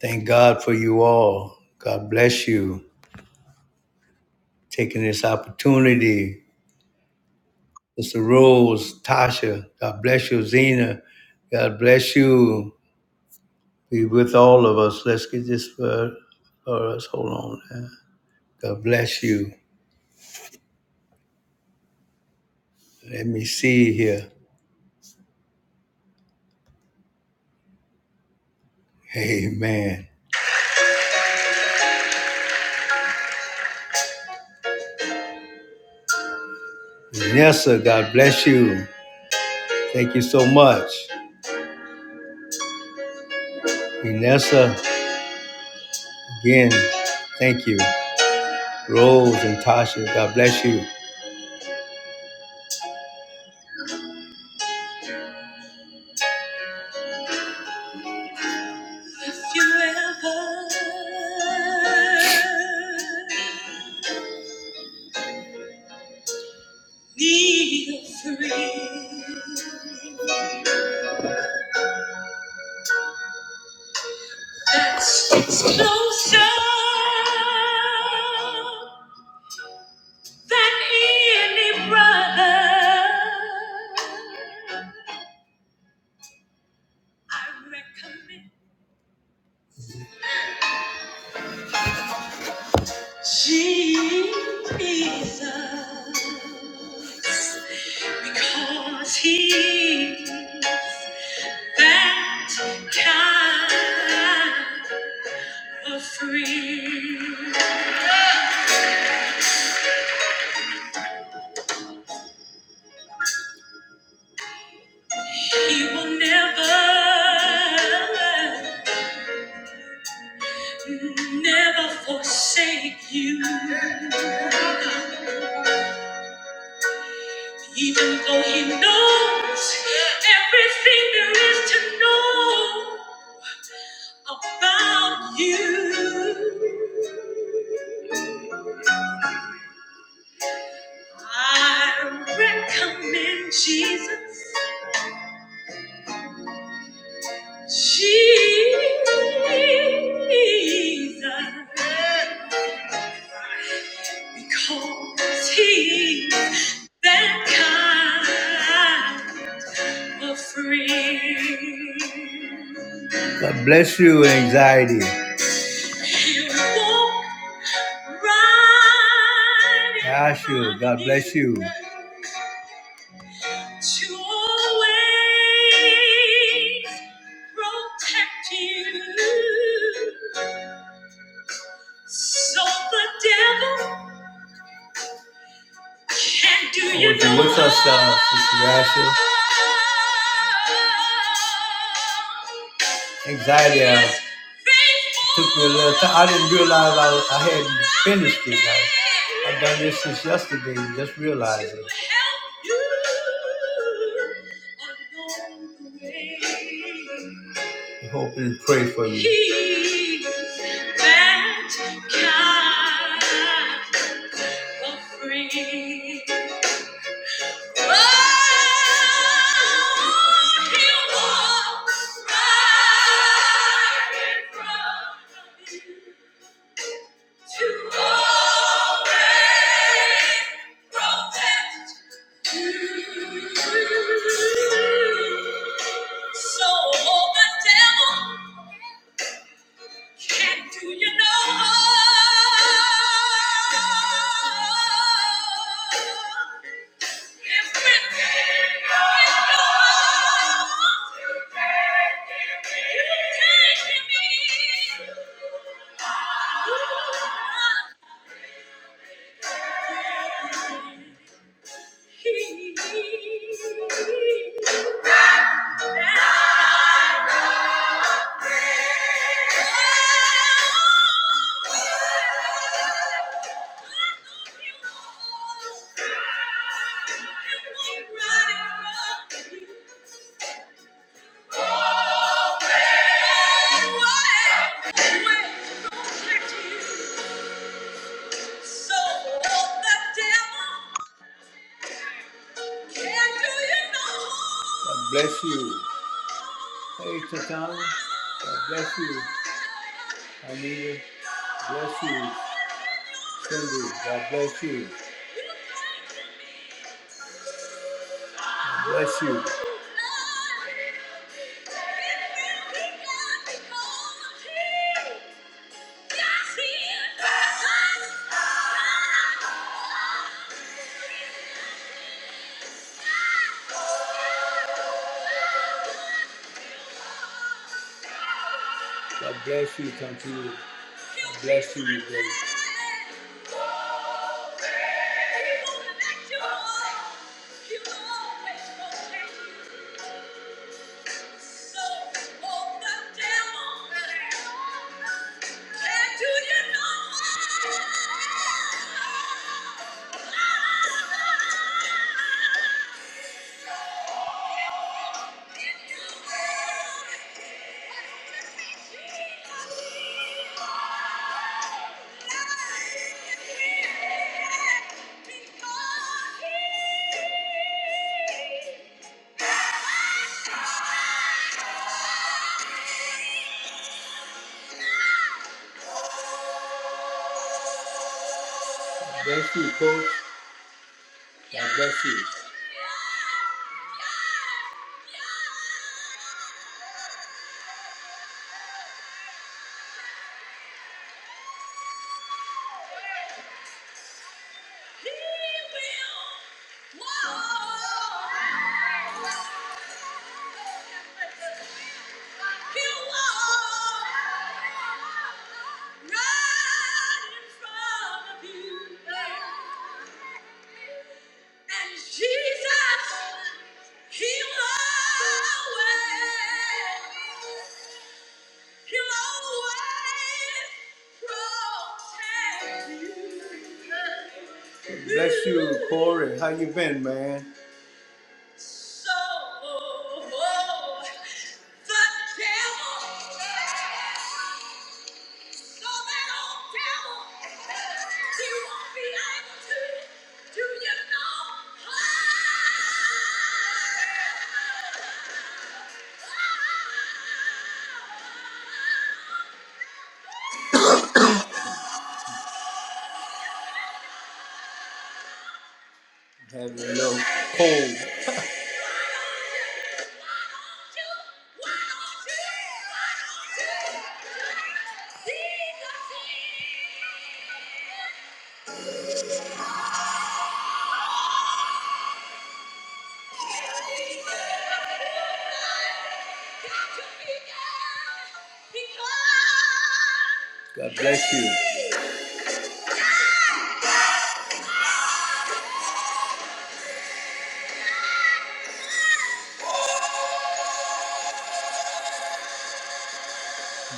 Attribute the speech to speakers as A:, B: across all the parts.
A: Thank God for you all. God bless you. Taking this opportunity. Mr. Rose, Tasha, God bless you. Zena, God bless you. Be with all of us. Let's get this for, for us. Hold on. man. God bless you. Let me see here. Amen. Vanessa, God bless you. Thank you so much. Vanessa, again, thank you. Rose and Tasha, God bless you. you ever need a friend that's closer than any brother, I recommend Jesus because he that kind of free. He will never, never forsake you. Even though he knows everything there is to know about you, I recommend Jesus. Jesus. Because he's that kind. the free. God bless you, anxiety. You walk right in you. God bless you. midst. You always protect you. So the devil can't do you no harm. Working no with us, uh, Sister Ashley. anxiety uh, took me a little time. I didn't realize I, I hadn't finished it. I, I've done this since yesterday, just realized it. I hope and pray for you. that kind of so all the devil can do you no harm. So don't the devil God bless you. Hey, Tatana. God bless you. Anita. Bless you. Cindy. God bless you. Bless you. God bless you, Tantu. God bless you, brother. Thank you. God bless you. He will. Whoa. He'll walk right in front of you. And Jesus, He will always. Bless you, Corey. How you been, man? So, the devil, so that old devil, he won't be able to, do you know? Having a little cold. God bless you.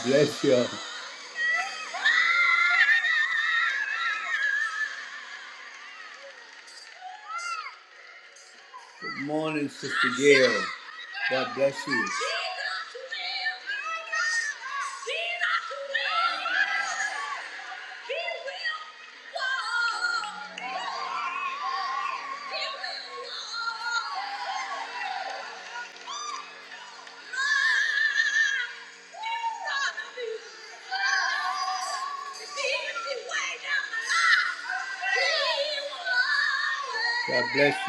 A: Bless you. Good morning, Sister Gail. God bless you. God bless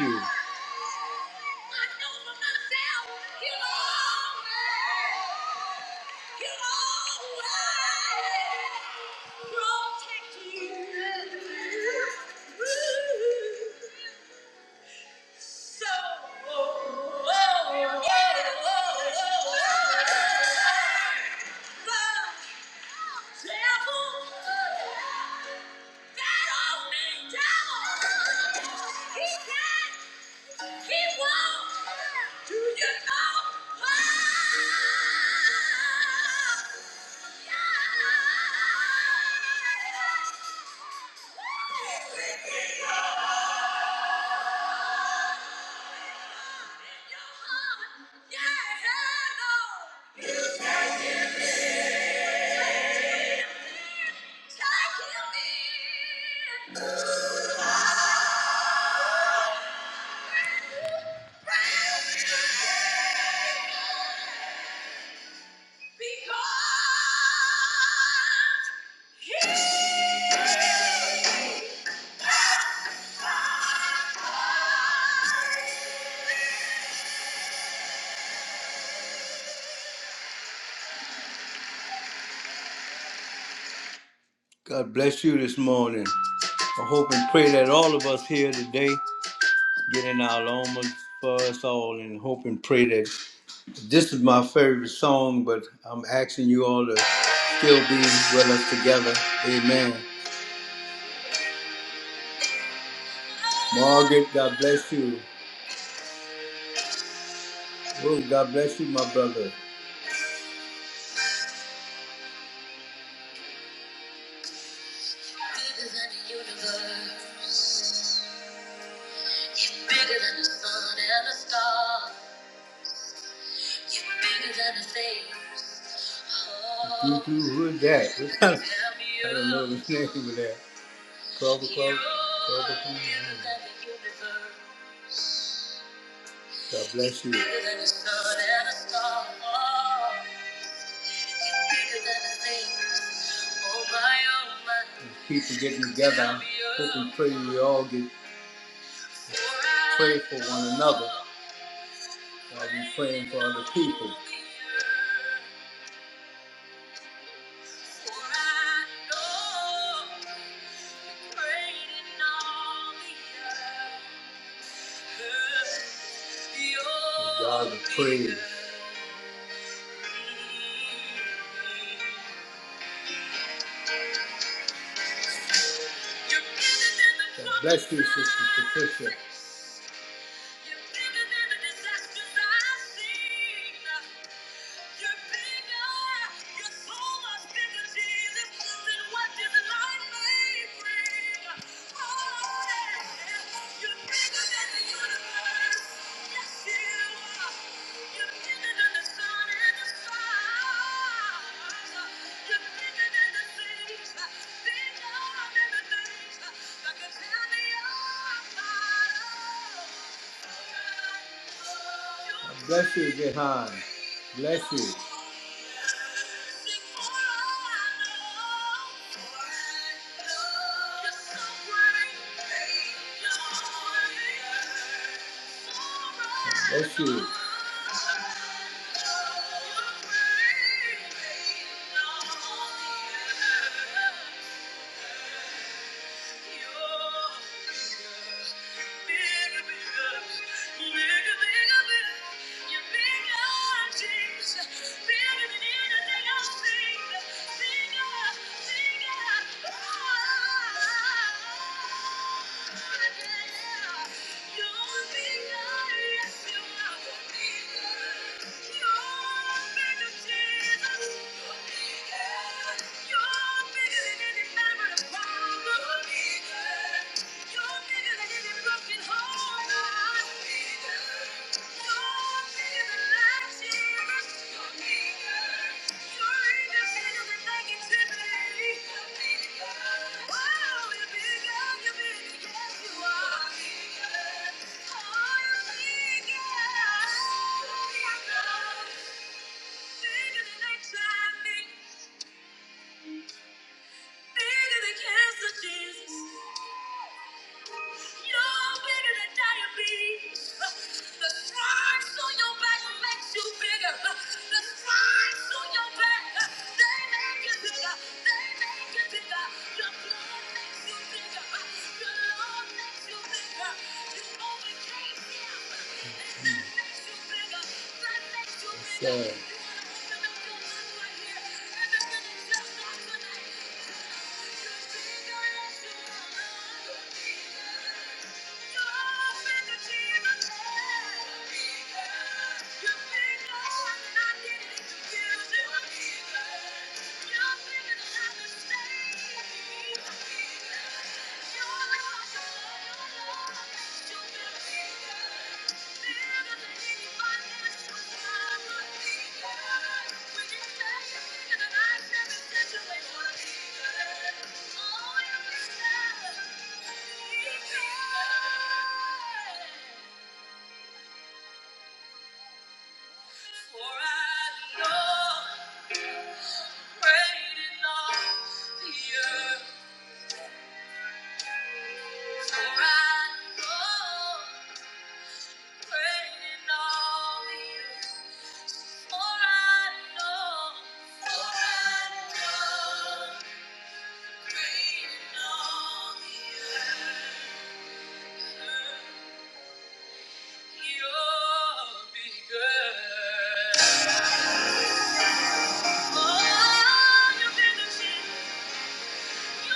A: you. Protect you. So, oh, oh, yeah, oh, oh, oh, oh. God bless you this morning. I hope and pray that all of us here today getting our lomas for us all and hope and pray that this is my favorite song, but I'm asking you all to still be with us together. Amen. Margaret, God bless you. Oh, God bless you, my brother. Bigger than the universe, bigger than the sun and the stars. You're bigger than the things. Oh. Who who is that? What kind of- I don't know the name of that. Clover, clover, clover, clover. God bless you. You're Bigger than the sun and the star. oh, You're bigger than the things. Oh my, oh my. People getting together, hoping, praying we all get pray for one another while we're praying for other people. God the praise. God bless you, Sister Patricia. You're bigger. You're so much bigger, Jesus, than what this life may bring. Oh, yeah. You're bigger than the universe. Yes, you are. You're bigger than the sun and the stars. You're bigger than the things, bigger than the things that can tear me apart. Bless you, Jehan. Bless you. Bless you. Thank you. Bigger than I Bigger than cancer, Jesus. You're bigger than diabetes. The stripes on your back makes you bigger. The stripes on your back, they make you bigger. They make you bigger. Your blood makes you bigger. Your love makes you bigger. You overcame him. And that makes you bigger. That makes you bigger. Yes, You wanna open up your mouth right here and begin to tell God tonight. Thank you. Thank you. Oh, you've been the king. Thank you.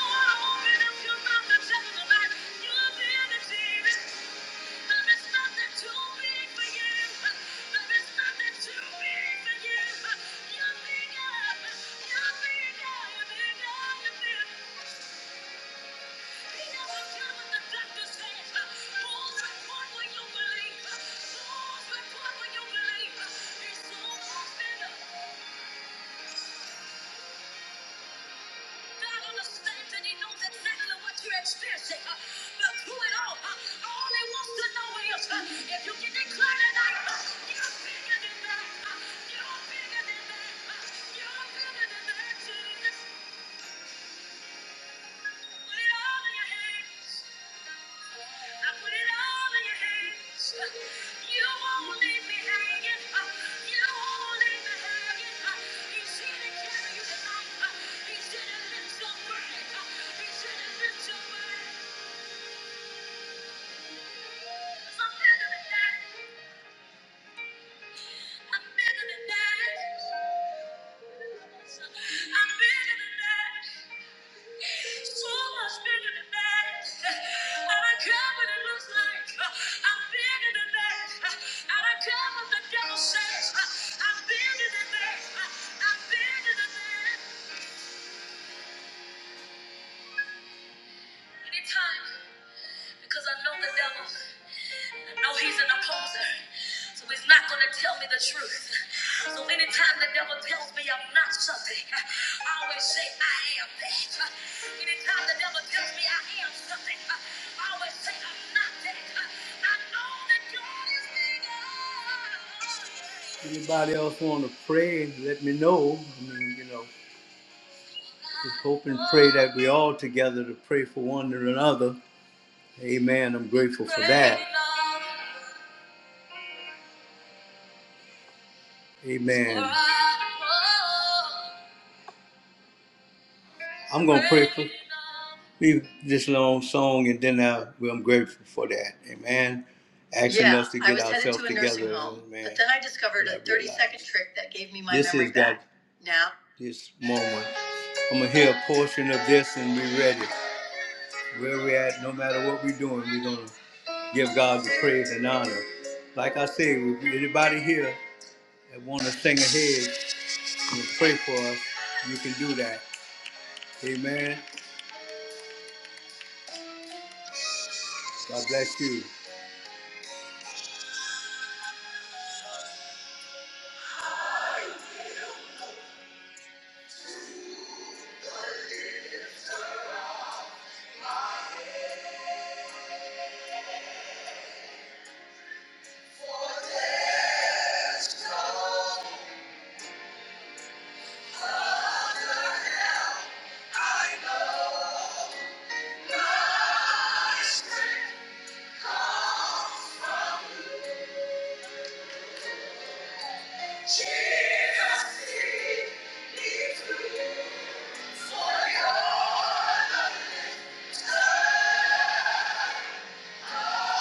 A: God understands and He knows exactly what you're experiencing. Uh, But through it all, uh, all He wants to know is uh, if you can declare tonight, uh, you're bigger than that. uh, You're bigger than that. uh, You're bigger than that. Jesus. Thank you. I'm bigger than that. I'm bigger than that. So much bigger than that. I don't care what it looks like. I'm bigger than that. I don't care what the devil says. I'm bigger than that. I'm bigger than that. Anytime, because I know the devil. No, he's an opposer. So he's not going to tell me the truth. So anytime the devil tells me I'm not something, I always say I am that. Anytime the devil tells me I am something, I always say I'm not that. I know that God is bigger. Anybody else want to pray? Let me know. I mean, you know, just hope and pray that we all together to pray for one another. Amen. I'm grateful for that. Amen. I'm going to pray for leave this long song and then I, well, I'm grateful for that. Amen. Asking yeah, us to get ourselves to together. home, Amen. But then I discovered yeah, a 30 second trick that gave me my this memory is God. back. That, Now, this moment. I'm going to hear a portion of this and be ready. Where we're at, no matter what we're doing, we're going to give God the praise and honor. Like I said, anybody here that want to sing ahead, and pray for us, you can do that. Amen. God bless you.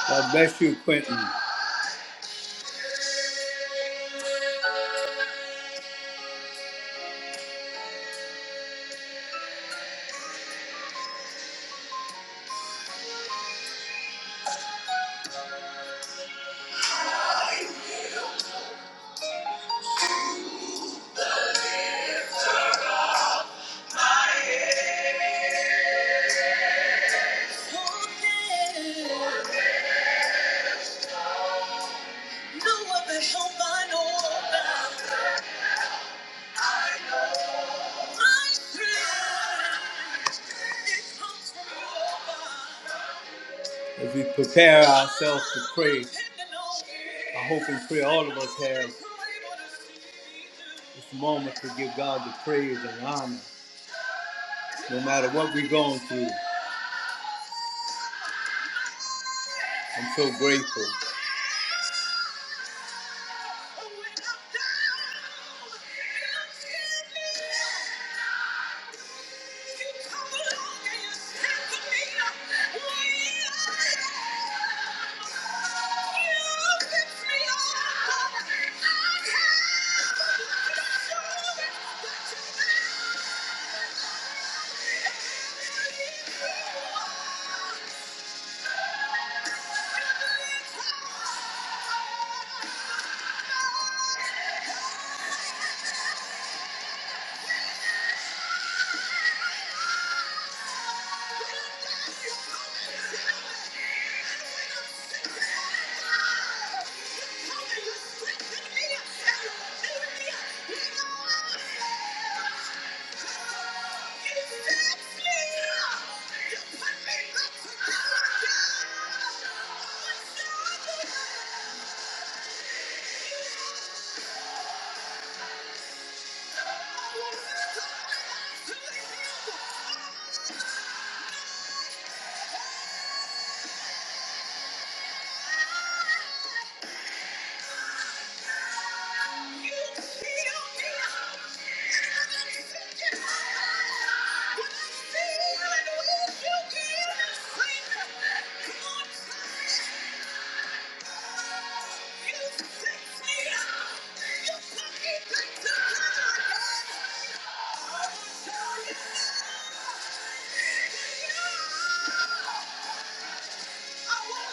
A: God bless you, Quentin. As we prepare ourselves to pray, I hope and pray all of us have this moment to give God the praise and honor. No matter what we're going through, I'm so grateful. Yeah. Yeah! Yeah.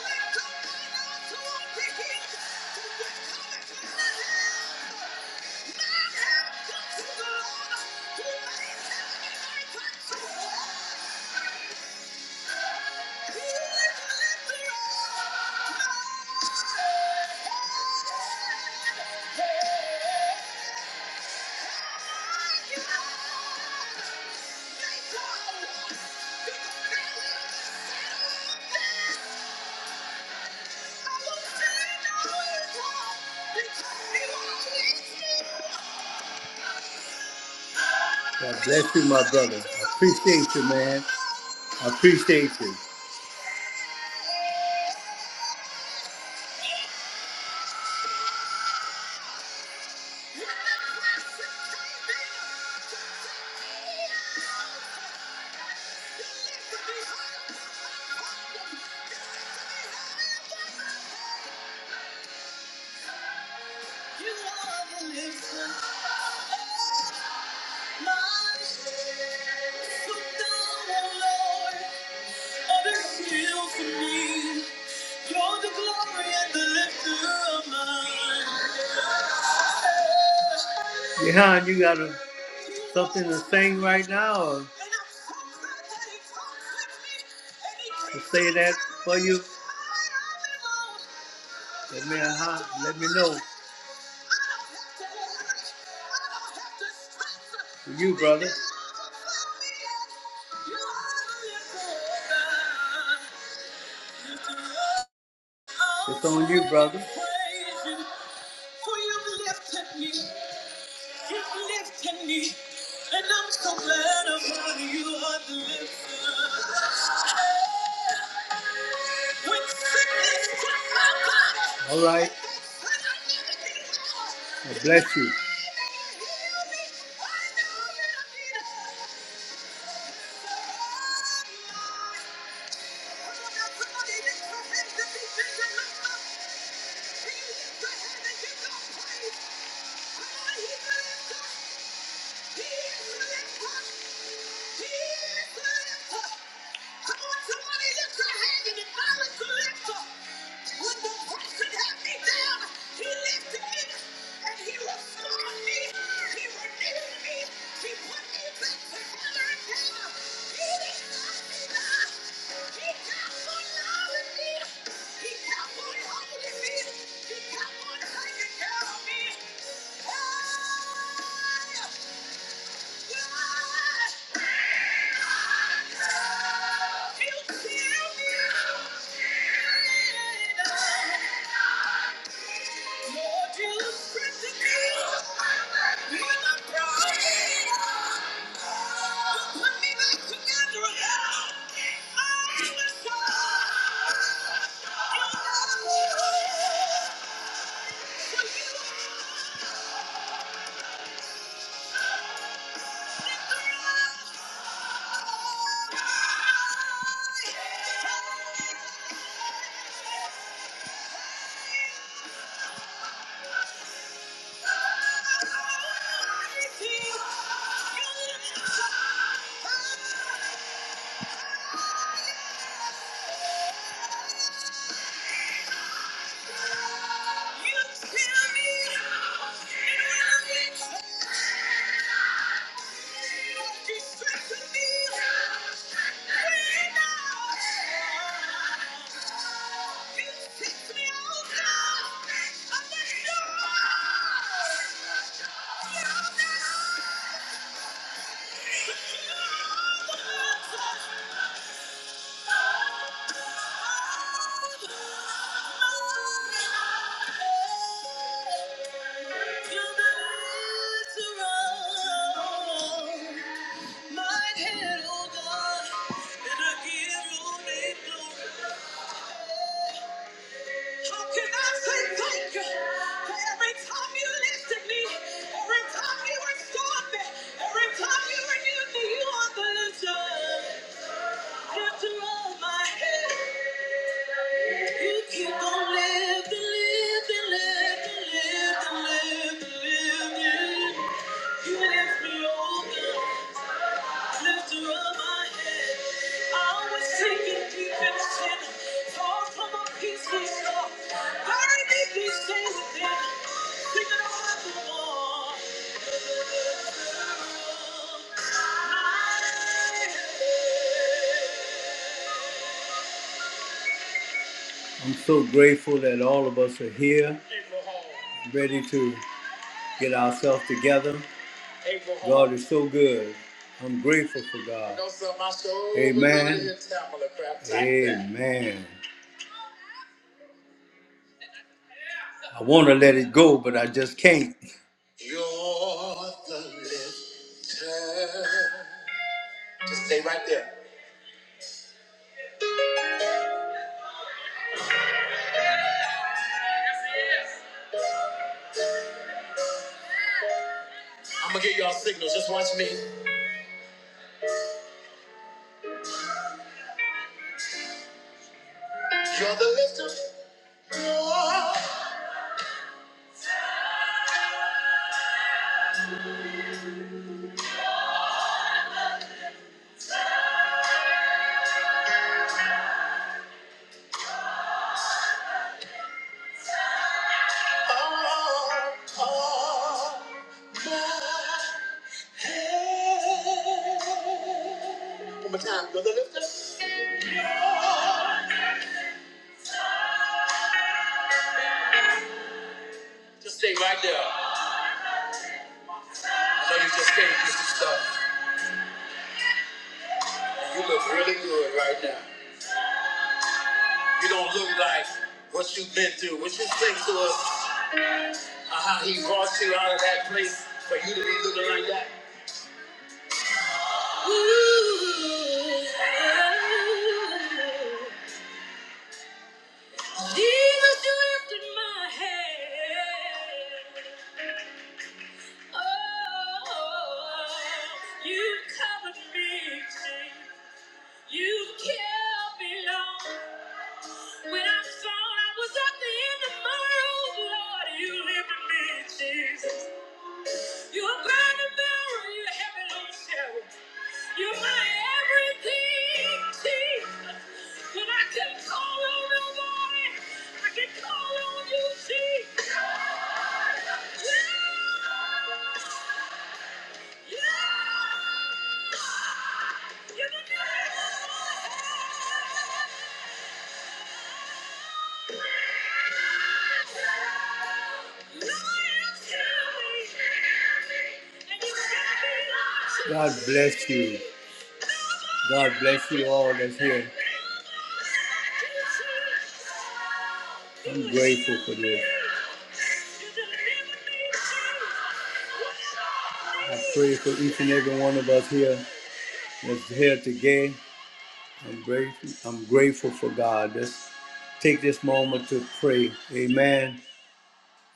A: God bless you, my brother. I appreciate you, man. I appreciate you. Yeah, you gotta something to sing right now or to say that for you, let me, uh, let me know. For you, brother. It's on you, brother. You lifted me, and I'm so glad about you are the lifter. When sickness took my body, all right. God bless you. I want somebody to lift your hand and acknowledge the lifter. When the person had me down, he lifted me and he restored me. He renewed me. He put me back together again. He didn't let me down. He kept on loving me. He kept on holding me. He kept on taking care of me. Hey! Oh! Thank you. Yeah. How can I say thank you for every time you lifted me, every time you restored me, every time you renewed me, you are the lifter. After all my head. If You keep on living, living, living, living, living, living. You lift me over, lifter of my head. I was sinking deep in sin, far from a peaceful shore. I need these things within, thinking I have the war. I'm so grateful that all of us are here, ready to get ourselves together God is so good. I'm grateful for God. Amen. Amen. I want to let it go, but I just can't. You're the lifter. Just stay right there. I'm gonna give y'all signals. Just watch me. You're the lifter. You're all of my- One more time. You're the lifter. Just stay right there. I know you just came through some stuff. You look really good right now. You don't look like what you've been through. What you think to us, uh, how he brought you out of that place for you to be looking like that. Ooh, Jesus, you lifted my head. Oh, you covered me, Jesus. You kept me long. When I thought I was at the end of my rope, Lord, you lifted me, Jesus. You're my mirror, you're heaven on cherub. You're my everything, Jesus. When I can call on nobody, I can call on you, Jesus. Yeah, yeah, you're the good Lord, tell me. And you got me lost. God bless you. God bless you all that's here. I'm grateful for this. I pray for each and every one of us here that's here today. I'm grateful. I'm grateful for God. Let's take this moment to pray. Amen.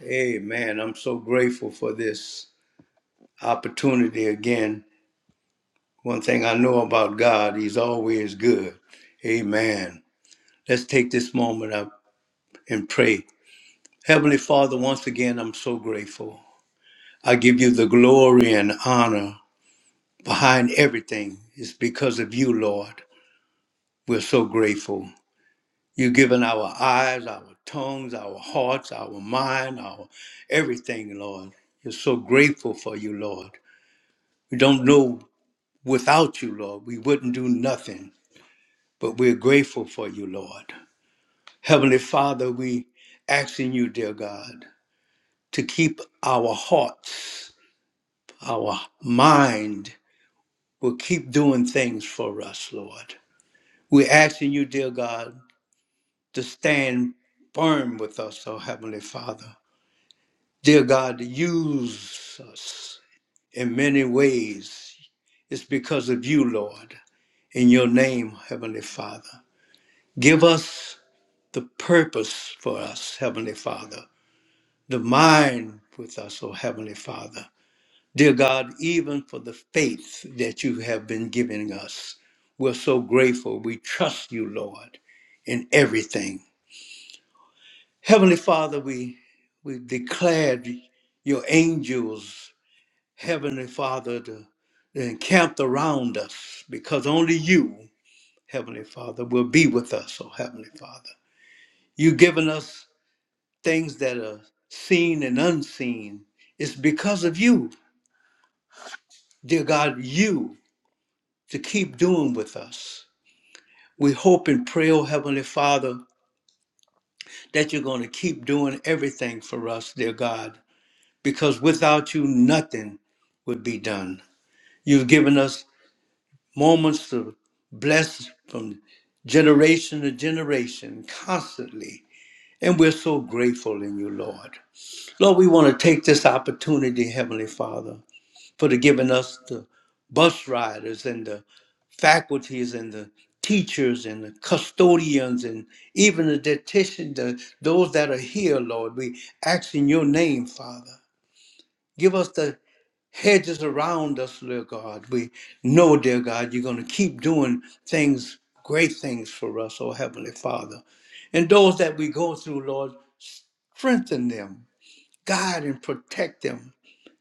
A: Amen. I'm so grateful for this opportunity again. One thing I know about God, He's always good. Amen. Let's take this moment up and pray. Heavenly Father, once again, I'm so grateful. I give you the glory and honor behind everything. It's because of you, Lord. We're so grateful. You've given our eyes, our tongues, our hearts, our mind, our everything, Lord. You're so grateful for you, Lord. We don't know without you, Lord. We wouldn't do nothing, but we're grateful for you, Lord. Heavenly Father, we asking you, dear God, to keep our hearts, our mind, will keep doing things for us, Lord. We're asking you, dear God, to stand firm with us, oh Heavenly Father. Dear God, use us in many ways. It's because of you, Lord, in your name, Heavenly Father. Give us the purpose for us, Heavenly Father, the mind with us, oh Heavenly Father. Dear God, even for the faith that you have been giving us, we're so grateful. We trust you, Lord, in everything. Heavenly Father, we we declared your angels, Heavenly Father, to, to encamp around us because only you, Heavenly Father, will be with us, oh Heavenly Father. You've given us things that are seen and unseen. It's because of you, dear God, you to keep doing with us. We hope and pray, oh Heavenly Father, that you're going to keep doing everything for us, dear God. because without you, nothing would be done. You've given us moments to bless from generation to generation constantly. And we're so grateful in you, Lord. Lord, we want to take this opportunity, Heavenly Father, for the giving us the bus riders and the faculties and the teachers and the custodians and even the dietitian, the, those that are here, Lord. We ask in your name, Father. Give us the hedges around us, dear God. We know, dear God, you're going to keep doing things, great things for us, oh Heavenly Father. And those that we go through, Lord, strengthen them, guide and protect them.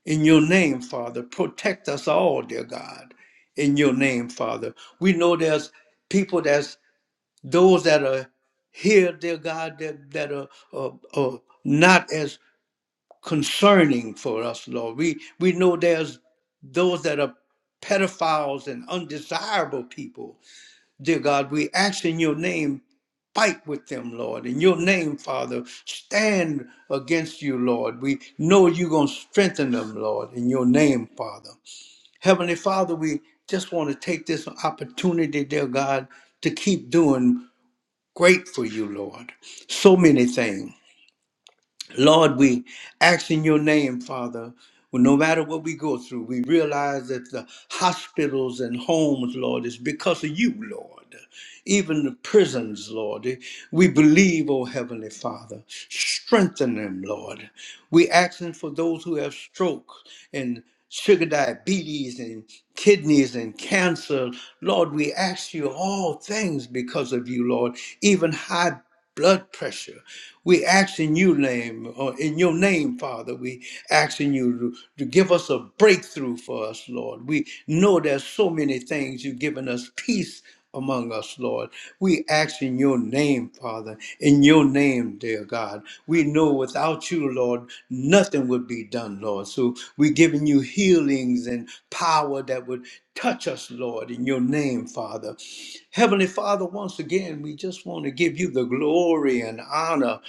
A: In your name, Father, protect us all, dear God. In your name, Father. We know there's people that's those that are here, dear God, that, that are, are, are not as concerning for us, Lord. We we know there's those that are pedophiles and undesirable people. Dear God, we ask in your name, fight with them, Lord. In your name, Father, stand against you, Lord. We know you're gonna strengthen them, Lord, in your name, Father. Heavenly Father, we just want to take this opportunity, dear God, to keep doing great for you, Lord. So many things Lord, we ask in your name, Father. Well, no matter what we go through, we realize that the hospitals and homes, Lord, is because of you, Lord. Even the prisons, Lord. We believe, oh Heavenly Father. Strengthen them, Lord. We asking for those who have stroke and sugar diabetes and kidneys and cancer. Lord, we ask you all things because of you, Lord, even high blood pressure. We ask in your name, or in your name, Father, we asking you to, to give us a breakthrough for us, Lord. We know there's so many things you've given us peace among us, Lord. We ask in your name, Father, in your name, dear God. We know without you, Lord, nothing would be done, Lord. So we're giving you healings and power that would touch us, Lord, in your name, Father. Heavenly Father, once again, we just want to give you the glory and honor.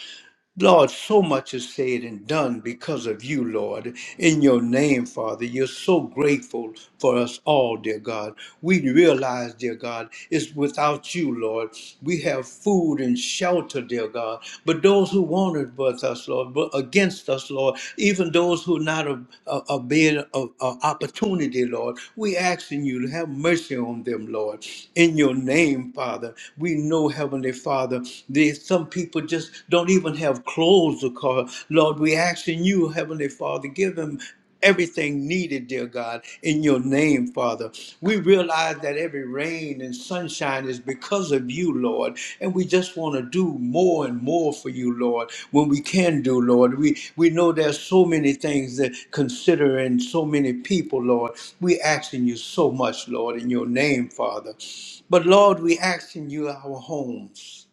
A: Lord, so much is said and done because of you, Lord. In your name, Father, you're so grateful for us all, dear God. We realize, dear God, it's without you, Lord. We have food and shelter, dear God. But those who wanted with us, Lord, but against us, Lord, even those who not a, a, a bed of of opportunity, Lord, we asking you to have mercy on them, Lord. In your name, Father, we know, Heavenly Father, there's some people people just don't even have clothes to call. Lord, we asking you, Heavenly Father, give them everything needed, dear God, in your name, Father. We realize that every rain and sunshine is because of you, Lord, and we just want to do more and more for you, Lord, when we can do, Lord. We we know there's so many things that consider and so many people, Lord. We asking you so much, Lord, in your name, Father. But Lord, we asking you our homes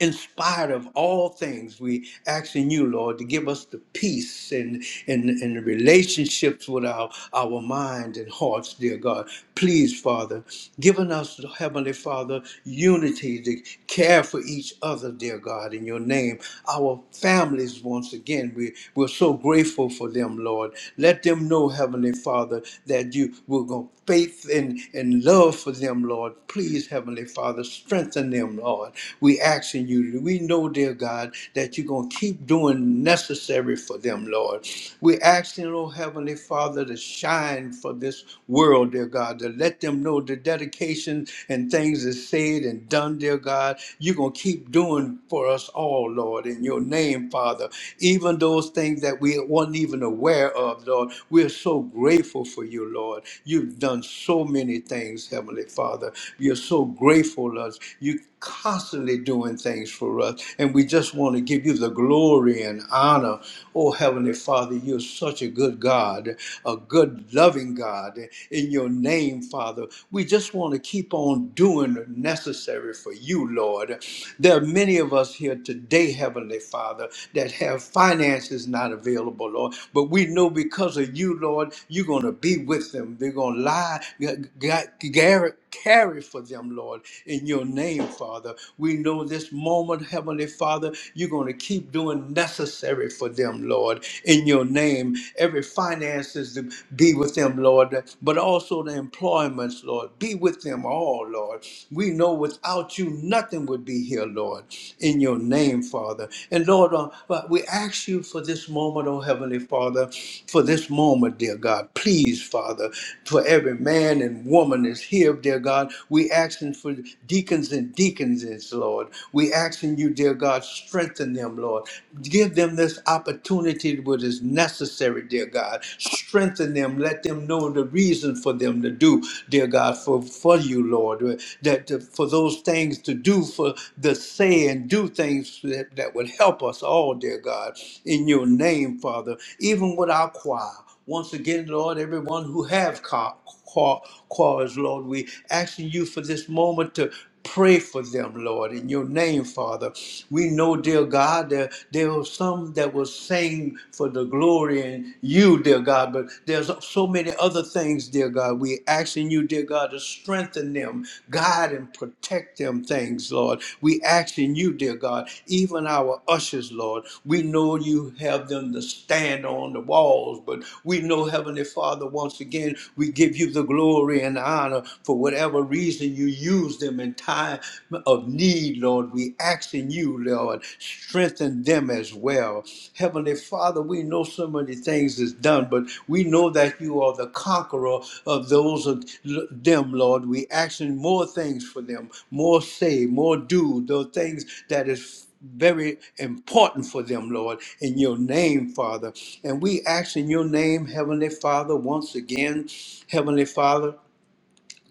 A: in spite of all things, we asking you, Lord, to give us the peace and and, and the relationships with our, our mind and hearts, dear God. Please, Father, giving us, Heavenly Father, unity to care for each other, dear God, in your name. Our families, once again, we, we're so grateful for them, Lord. Let them know, Heavenly Father, that you will go faith and, and love for them, Lord. Please, Heavenly Father, strengthen them, Lord. We asking you, we know, dear God, that you're going to keep doing necessary for them, Lord. We asking, oh Heavenly Father, to shine for this world, dear God, to let them know the dedication and things that's said and done, dear God. You're going to keep doing for us all, Lord, in your name, Father. Even those things that we weren't even aware of, Lord, we're so grateful for you, Lord. You've done so many things, Heavenly Father. We are so grateful, Lord. You constantly doing things for us. And we just want to give you the glory and honor. Oh, Heavenly Father, you're such a good God, a good, loving God. In your name, Father, we just want to keep on doing the necessary for you, Lord. There are many of us here today, Heavenly Father, that have finances not available, Lord. But we know because of you, Lord, you're going to be with them. They're going to lie, carry for them, Lord, in your name, Father. We know this moment, Heavenly Father, you're going to keep doing necessary for them, Lord, in your name. Every finances to be with them, Lord, but also the employments, Lord. Be with them all, Lord. We know without you, nothing would be here, Lord, in your name, Father. And Lord, uh, but we ask you for this moment, oh Heavenly Father, for this moment, dear God. Please, Father, for every man and woman is here here, dear God. We asking for deacons and deaconesses, Lord. We asking you, dear God, strengthen them, Lord. Give them this opportunity what is necessary, dear God. Strengthen them. Let them know the reason for them to do, dear God, for, for you, Lord. That uh, for those things to do, for the say and do things that, that would help us all, dear God, in your name, Father. Even with our choir. Once again, Lord, everyone who have ca- qua- quarrels, Lord, we asking you for this moment to pray for them, Lord, in your name, Father. We know, dear God, there, there were some that were saying for the glory in you, dear God, but there's so many other things, dear God. We asking you, dear God, to strengthen them, guide and and protect them things, Lord. We asking you, dear God, even our ushers, Lord. We know you have them to stand on the walls, but we know, Heavenly Father, once again, we give you the glory and honor for whatever reason you use them in time of need, Lord. We asking you, Lord, strengthen them as well. Heavenly Father, we know so many things is done, but we know that you are the conqueror of those of them, Lord. We asking more things for them, more say, more do, those things that is very important for them, Lord, in your name, Father. And we ask in your name, Heavenly Father, once again, Heavenly Father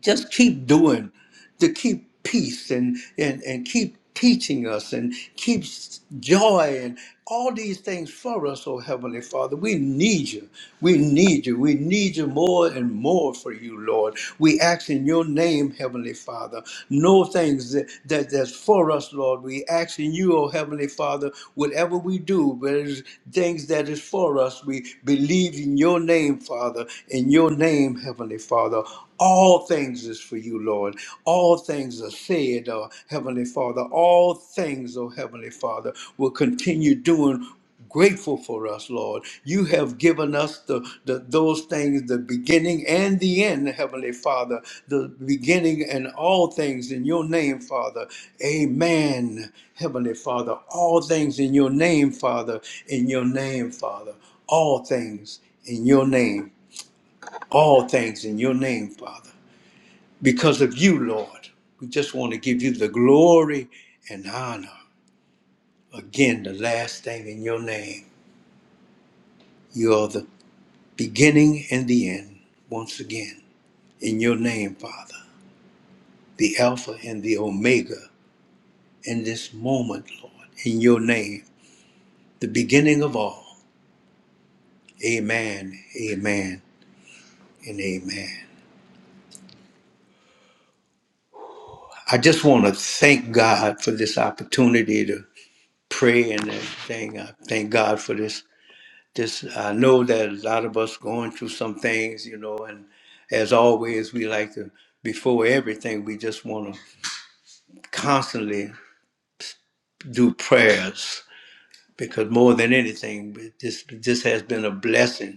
A: just keep doing to keep peace and and and keep teaching us and keep s- joy and all these things for us oh heavenly father we need you we need you we need you more and more for you lord we ask in your name heavenly father no things that, that that's for us lord we ask in you oh heavenly father whatever we do but it's things that is for us we believe in your name father in your name heavenly father all things is for you, Lord. All things are said, uh, Heavenly Father. All things, oh Heavenly Father, will continue doing grateful for us, Lord. You have given us the, the those things, the beginning and the end, Heavenly Father. The beginning and all things in your name, Father. Amen. Heavenly Father, all things in your name, Father, in your name, Father. All things in your name. All things in your name, Father because of you, Lord. We just want to give you the glory and honor. Again, the last thing in your name. You are the beginning and the end, once again, in your name, Father, the Alpha and the Omega in this moment, Lord, in your name, the beginning of all. Amen, amen, and amen. I just want to thank God for this opportunity to pray and everything. I thank God for this Just I know that a lot of us going through some things, you know, and as always, we like to before everything, we just want to constantly do prayers because more than anything, this this has been a blessing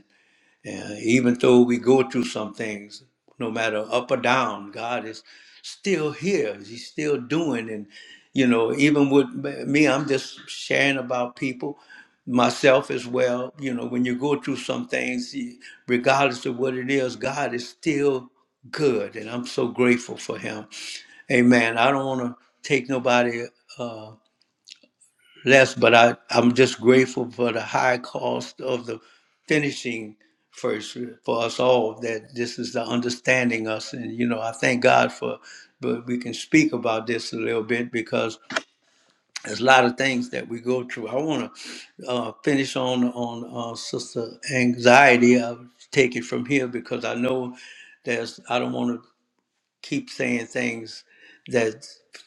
A: and even though we go through some things, no matter up or down, God is still here. He's still doing. And, you know, even with m- me, I'm just sharing about people, myself as well. You know, when you go through some things, you- regardless of what it is, God is still good. And I'm so grateful for Him. Amen. I don't want to take nobody. uh, less, but I, I'm just grateful for the high cost of the finishing first for us all, that this is the understanding us. And, you know, I thank God for, but we can speak about this a little bit because there's a lot of things that we go through. I want to uh, finish on, on uh, Sister Anxiety. I'll take it from here because I know there's, I don't want to keep saying things that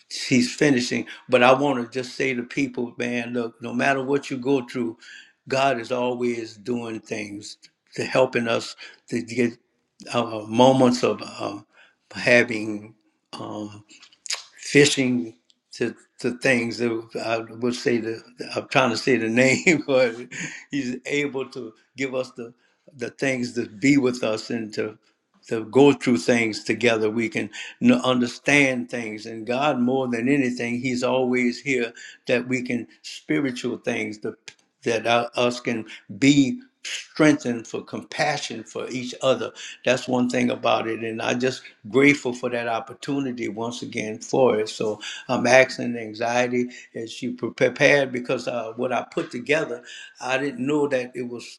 A: she's finishing. But I want to just say to people, man, look, no matter what you go through, God is always doing things to helping us to get uh, moments of um having. um, fishing to to things that I would say the I'm trying to say the name, but he's able to give us the the things to be with us and to to go through things together. We can n- understand things, and God more than anything, He's always here that we can spiritual things. the that our- us can be strengthened for compassion for each other. That's one thing about it. And I just grateful for that opportunity once again for it. So I'm asking anxiety as you prepared because uh, what I put together, I didn't know that it was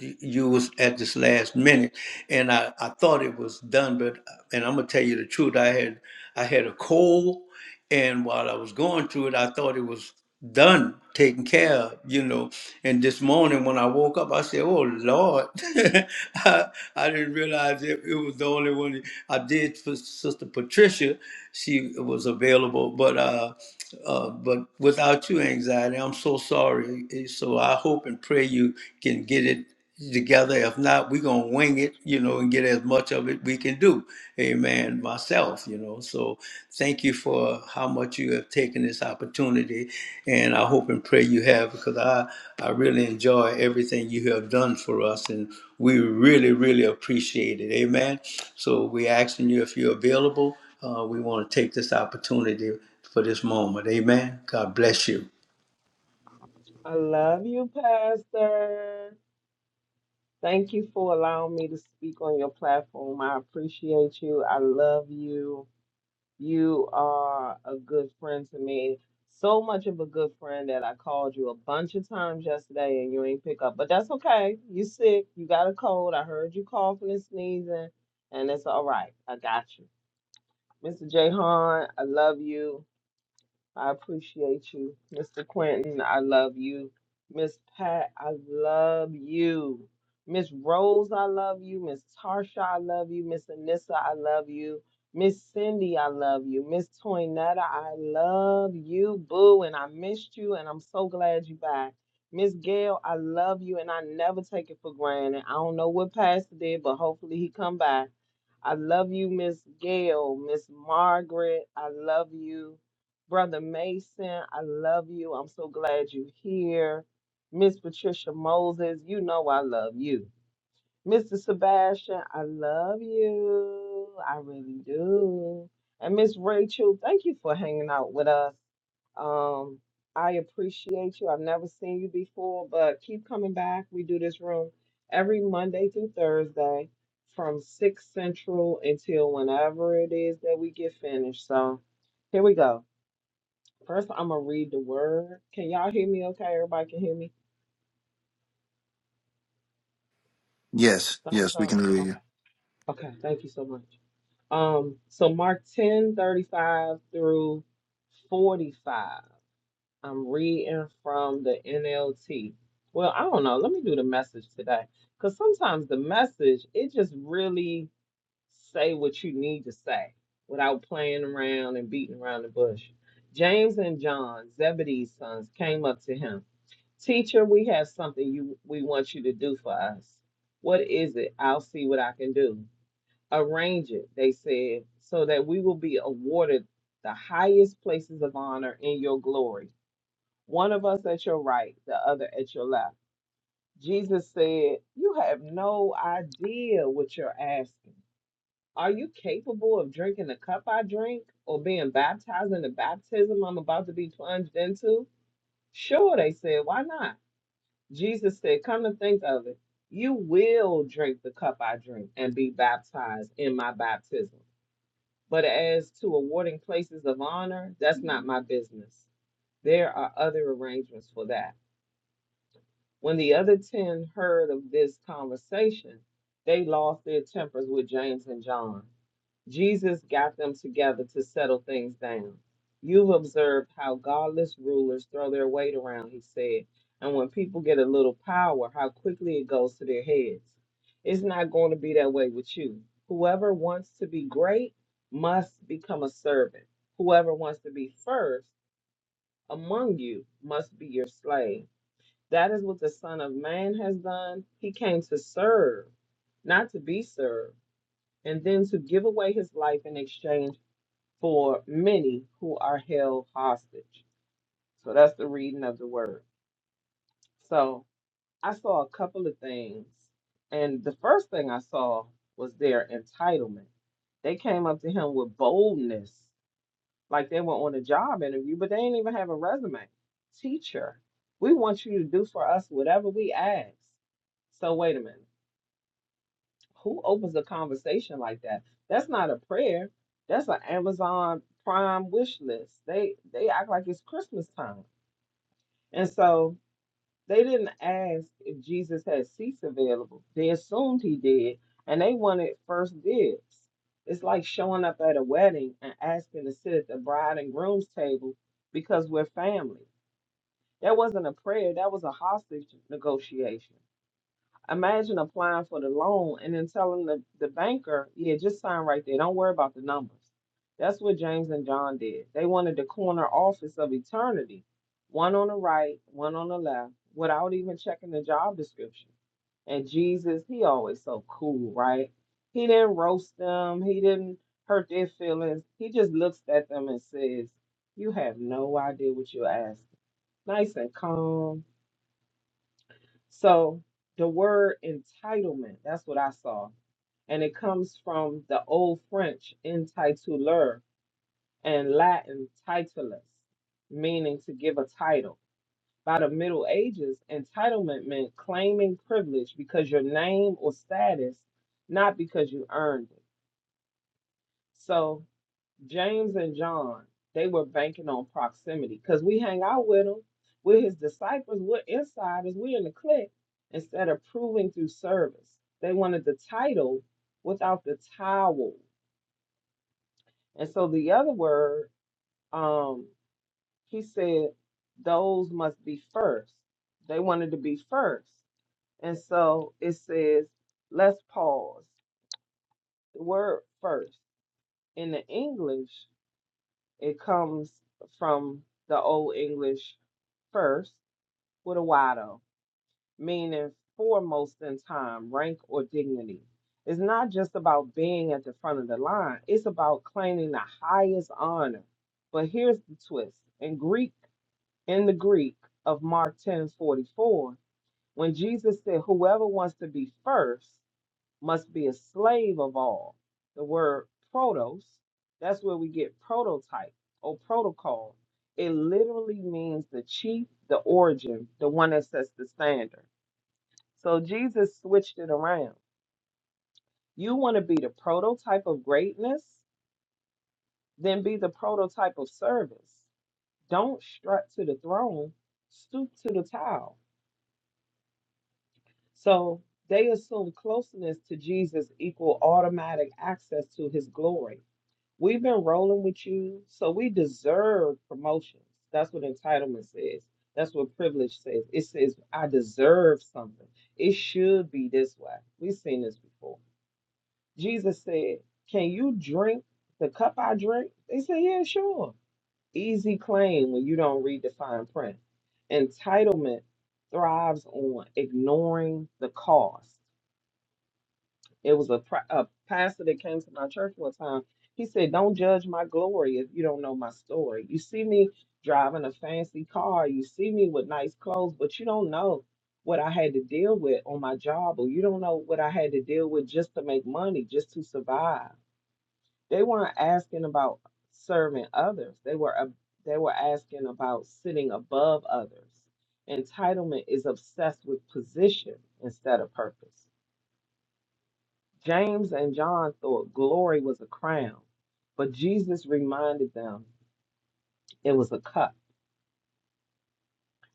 A: y- you was at this last minute and I, I thought it was done but and i'm gonna tell you the truth i had i had a cold and while i was going through it i thought it was done taken care of you know and this morning when i woke up i said oh lord I, I didn't realize it, it was the only one i did for sister patricia she was available but uh uh, but without you, anxiety, I'm so sorry. Eh, So I hope and pray you can get it together. If not, we're gonna wing it, you know, and get as much of it we can do. Amen. Myself, you know. So thank you for how much you have taken this opportunity, and I hope and pray you have because I I really enjoy everything you have done for us, and we really really appreciate it. Amen. So we're asking you if you're available. Uh, we want to take this opportunity for this moment. Amen. God bless you.
B: I love you, Pastor. Thank you for allowing me to speak on your platform. I appreciate you. I love you. You are a good friend to me. So much of a good friend that I called you a bunch of times yesterday and you ain't pick up. But that's okay. You sick. You got a cold. I heard you coughing and sneezing, and it's all right. I got you. Mr. Jahan, I love you. I appreciate you, Mr. Quentin. I love you. Miss Pat, I love you. Miss Rose, I love you. Miss Tarsha, I love you. Miss Anissa, I love you. Miss Cindy, I love you. Miss Toinetta, I love you, boo. And I missed you, and I'm so glad you back. Miss Gail, I love you, and I never take it for granted. I don't know what Pastor did, but hopefully he come back. I love you, Miss Gail, Miss Margaret. I love you, Brother Mason. I love you. I'm so glad you're here. Miss Patricia Moses, you know I love you. Mr. Sebastian, I love you. I really do. And Miss Rachel, thank you for hanging out with us. Um, I appreciate you. I've never seen you before, but keep coming back. We do this room every Monday through Thursday from 6 Central until whenever it is that we get finished. So here we go. First, I'm going to read the word. Can y'all hear me okay? Everybody can hear me?
C: Yes,
B: Thumbs
C: yes, we
B: up.
C: can hear you.
B: Okay. Okay. Thank you so much. Um, so Mark 10:35 through 45. I'm reading from the NLT. Well, I don't know. Let me do the message today. Because sometimes the message, it just really say what you need to say without playing around and beating around the bush. James and John, Zebedee's sons, came up to him. Teacher, we have something you we want you to do for us. What is it? I'll see what I can do. Arrange it, they said, so that we will be awarded the highest places of honor in your glory one of us at your right, the other at your left. Jesus said, You have no idea what you're asking. Are you capable of drinking the cup I drink or being baptized in the baptism I'm about to be plunged into? Sure, they said, Why not? Jesus said, Come to think of it, you will drink the cup I drink and be baptized in my baptism. But as to awarding places of honor, that's not my business. There are other arrangements for that. When the other 10 heard of this conversation, they lost their tempers with James and John. Jesus got them together to settle things down. You've observed how godless rulers throw their weight around, he said. And when people get a little power, how quickly it goes to their heads. It's not going to be that way with you. Whoever wants to be great must become a servant. Whoever wants to be first among you must be your slave that is what the Son of Man has done. He came to serve, not to be served, and then to give away his life in exchange for many who are held hostage. So that's the reading of the word. So I saw a couple of things. And the first thing I saw was their entitlement. They came up to him with boldness like they were on a job interview, but they didn't even have a resume. Teacher, we want you to do for us whatever we ask. So wait a minute. Who opens a conversation like that? That's not a prayer. That's an Amazon Prime wish list. They they act like it's Christmas time. And so they didn't ask if Jesus had seats available. They assumed he did, and they wanted first dibs. It's like showing up at a wedding and asking to sit at the bride and groom's table because we're family. That wasn't a prayer, that was a hostage negotiation. Imagine applying for the loan and then telling the, the banker, yeah, just sign right there. Don't worry about the numbers. That's what James and John did. They wanted the corner office of eternity, one on the right, one on the left, without even checking the job description. And Jesus, he always so cool, right? He didn't roast them, he didn't hurt their feelings. He just looks at them and says, You have no idea what you're asking. Nice and calm so the word entitlement, that's what I saw. And it comes from the old French intituleur and Latin titulus, meaning to give a title. By the Middle Ages, entitlement meant claiming privilege because your name or status, not because you earned it. So James and John, they were banking on proximity because we hang out with him. We're his disciples. We're insiders. We're in the clique instead of proving through service. They wanted the title without the towel. And so the other word, um, he said, those must be first. They wanted to be first. And so it says, let's pause. The word first in the English, it comes from the Old English first with a Wado, meaning foremost in time, rank, or dignity. It's not just about being at the front of the line, it's about claiming the highest honor. But here's the twist in Greek, in the Greek of Mark 10 44, when Jesus said, Whoever wants to be first must be a slave of all. The word protos, that's where we get prototype or protocol. It literally means the chief, the origin, the one that sets the standard. So Jesus switched it around. You want to be the prototype of greatness, then be the prototype of service. Don't strut to the throne, stoop to the towel. So they assume closeness to Jesus equal automatic access to his glory We've been rolling with you, so we deserve promotions. That's what entitlement says. That's what privilege says. It says, I deserve something. It should be this way. We've seen this before. Jesus said, Can you drink the cup I drink? They said, Yeah, sure. Easy claim when you don't read the fine print. Entitlement thrives on ignoring the cost. It was a, pri- a pastor that came to my church one time. He said, Don't judge my glory if you don't know my story. You see me driving a fancy car, you see me with nice clothes, but you don't know what I had to deal with on my job, or you don't know what I had to deal with just to make money, just to survive. They weren't asking about serving others, they were, ab- they were asking about sitting above others. Entitlement is obsessed with position instead of purpose. James and John thought glory was a crown, but Jesus reminded them it was a cup.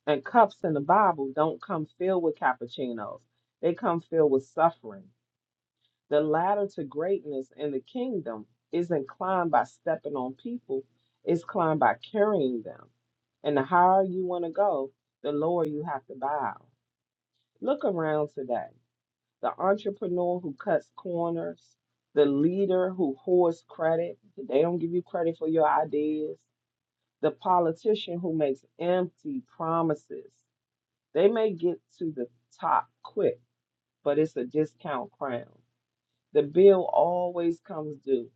B: And cups in the Bible don't come filled with cappuccinos, they come filled with suffering. The ladder to greatness in the kingdom isn't climbed by stepping on people, it's climbed by carrying them. And the higher you want to go, the lower you have to bow. Look around today. the entrepreneur who cuts corners, the leader who hoards credit, they don't give you credit for your ideas, the politician who makes empty promises. They may get to the top quick, but it's a discount crown. The bill always comes due.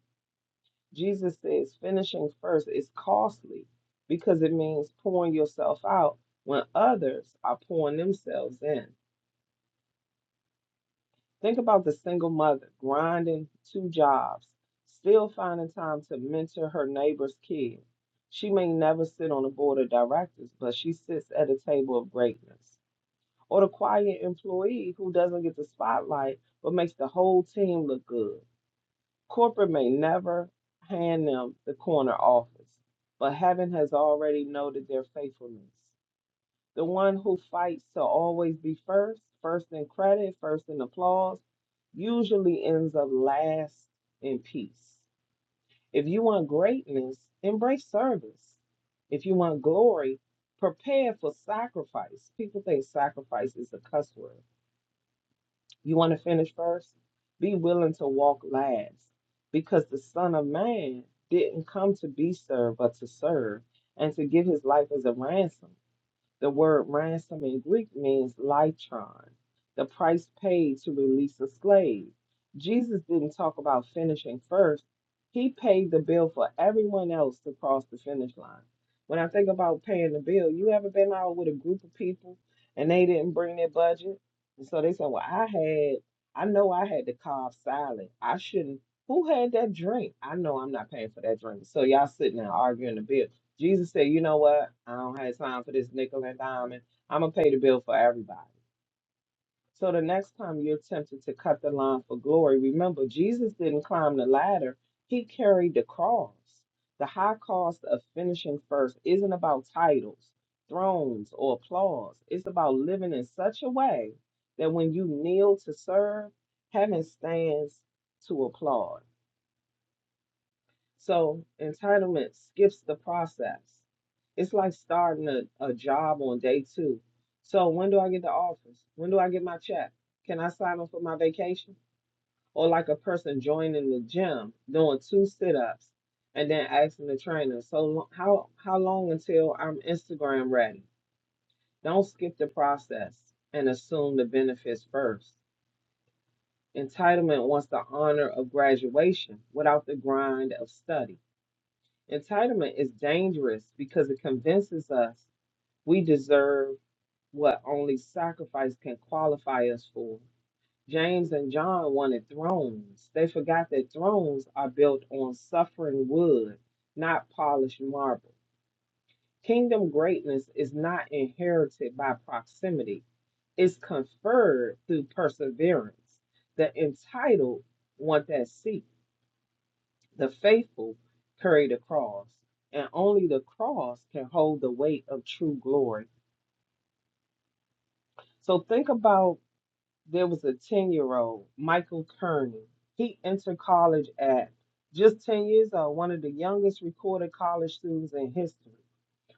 B: Jesus says finishing first is costly because it means pouring yourself out when others are pouring themselves in. Think about the single mother grinding two jobs, still finding time to mentor her neighbor's kid. She may never sit on a board of directors, but she sits at a table of greatness. Or the quiet employee who doesn't get the spotlight but makes the whole team look good. Corporate may never hand them the corner office, but heaven has already noted their faithfulness. The one who fights to always be first, first in credit, first in applause, usually ends up last in peace. If you want greatness, embrace service. If you want glory, prepare for sacrifice. People think sacrifice is a cuss word. You want to finish first? Be willing to walk last because the Son of Man didn't come to be served, but to serve and to give his life as a ransom the word ransom in Greek means lytron, the price paid to release a slave. Jesus didn't talk about finishing first. He paid the bill for everyone else to cross the finish line. When I think about paying the bill, you ever been out with a group of people and they didn't bring their budget? And so they said, Well, I had, I know I had the cob salad. I shouldn't. Who had that drink? I know I'm not paying for that drink. So y'all sitting there arguing the bill Jesus said, you know what? I don't have time for this nickel and diamond. I'm going to pay the bill for everybody. So the next time you're tempted to cut the line for glory, remember, Jesus didn't climb the ladder, he carried the cross. The high cost of finishing first isn't about titles, thrones, or applause. It's about living in such a way that when you kneel to serve, heaven stands to applaud. So entitlement skips the process. It's like starting a, a job on day two. So when do I get the offers? When do I get my check? Can I sign up for my vacation? Or like a person joining the gym, doing two sit-ups, and then asking the trainer, so lo- how how long until I'm Instagram ready? Don't skip the process and assume the benefits first. Entitlement wants the honor of graduation without the grind of study. Entitlement is dangerous because it convinces us we deserve what only sacrifice can qualify us for. James and John wanted thrones. They forgot that thrones are built on suffering wood, not polished marble. Kingdom greatness is not inherited by proximity, it's conferred through perseverance. The entitled want that seat the faithful carry the cross, and only the cross can hold the weight of true glory. So think about there was a 10 year old, Michael Kearney. He entered college at just 10 years old, one of the youngest recorded college students in history.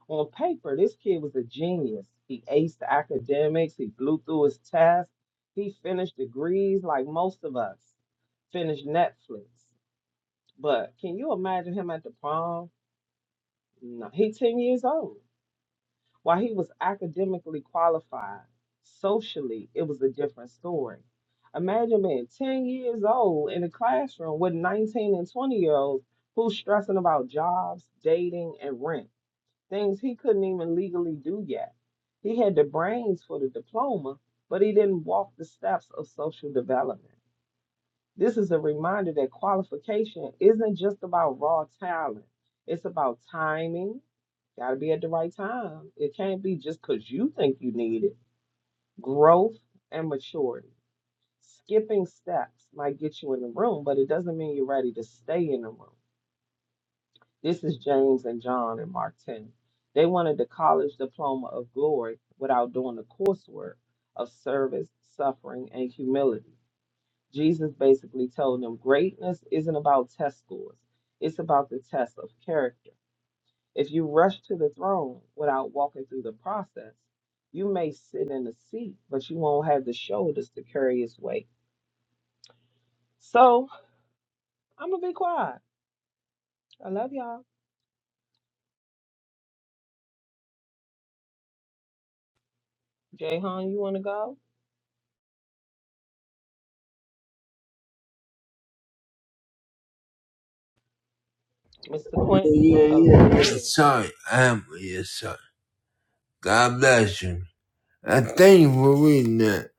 B: On paper, this kid was a genius. He aced the academics, he blew through his tests, he finished degrees like most of us, finished Netflix. But can you imagine him at the prom? No, he ten years old. While he was academically qualified, socially it was a different story. Imagine being ten years old in a classroom with nineteen and twenty year olds who's stressing about jobs, dating, and rent, things he couldn't even legally do yet. He had the brains for the diploma, but he didn't walk the steps of social development. This is a reminder that qualification isn't just about raw talent, it's about timing. Got to be at the right time. It can't be just because you think you need it. Growth and maturity. Skipping steps might get you in the room, but it doesn't mean you're ready to stay in the room. This is James and John and Mark 10. They wanted the college diploma of glory without doing the coursework of service, suffering, and humility. Jesus basically told them greatness isn't about test scores, it's about the test of character. If you rush to the throne without walking through the process, you may sit in the seat, but you won't have the shoulders to carry its weight. So I'm gonna be quiet. I love y'all. Jay you wanna go? Mr. Quentin?
D: Yeah,
B: Oh,
D: yeah, yeah.
B: go ahead.
D: Sorry, I'm yeah, sorry. God bless you. I thank you for reading that.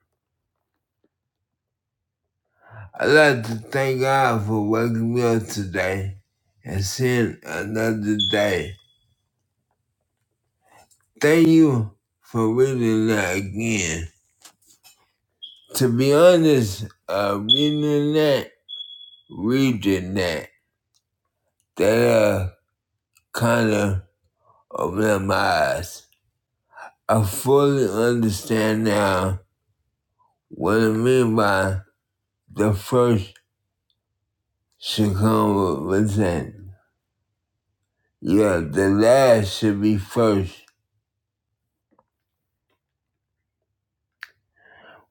D: I'd like to thank God for waking me up today and seeing another day. Thank you for reading that again. To be honest, uh, reading that, reading that, that uh, kind of opened my eyes. I fully understand now what I mean by the first should come with, with Yeah, the last should be first.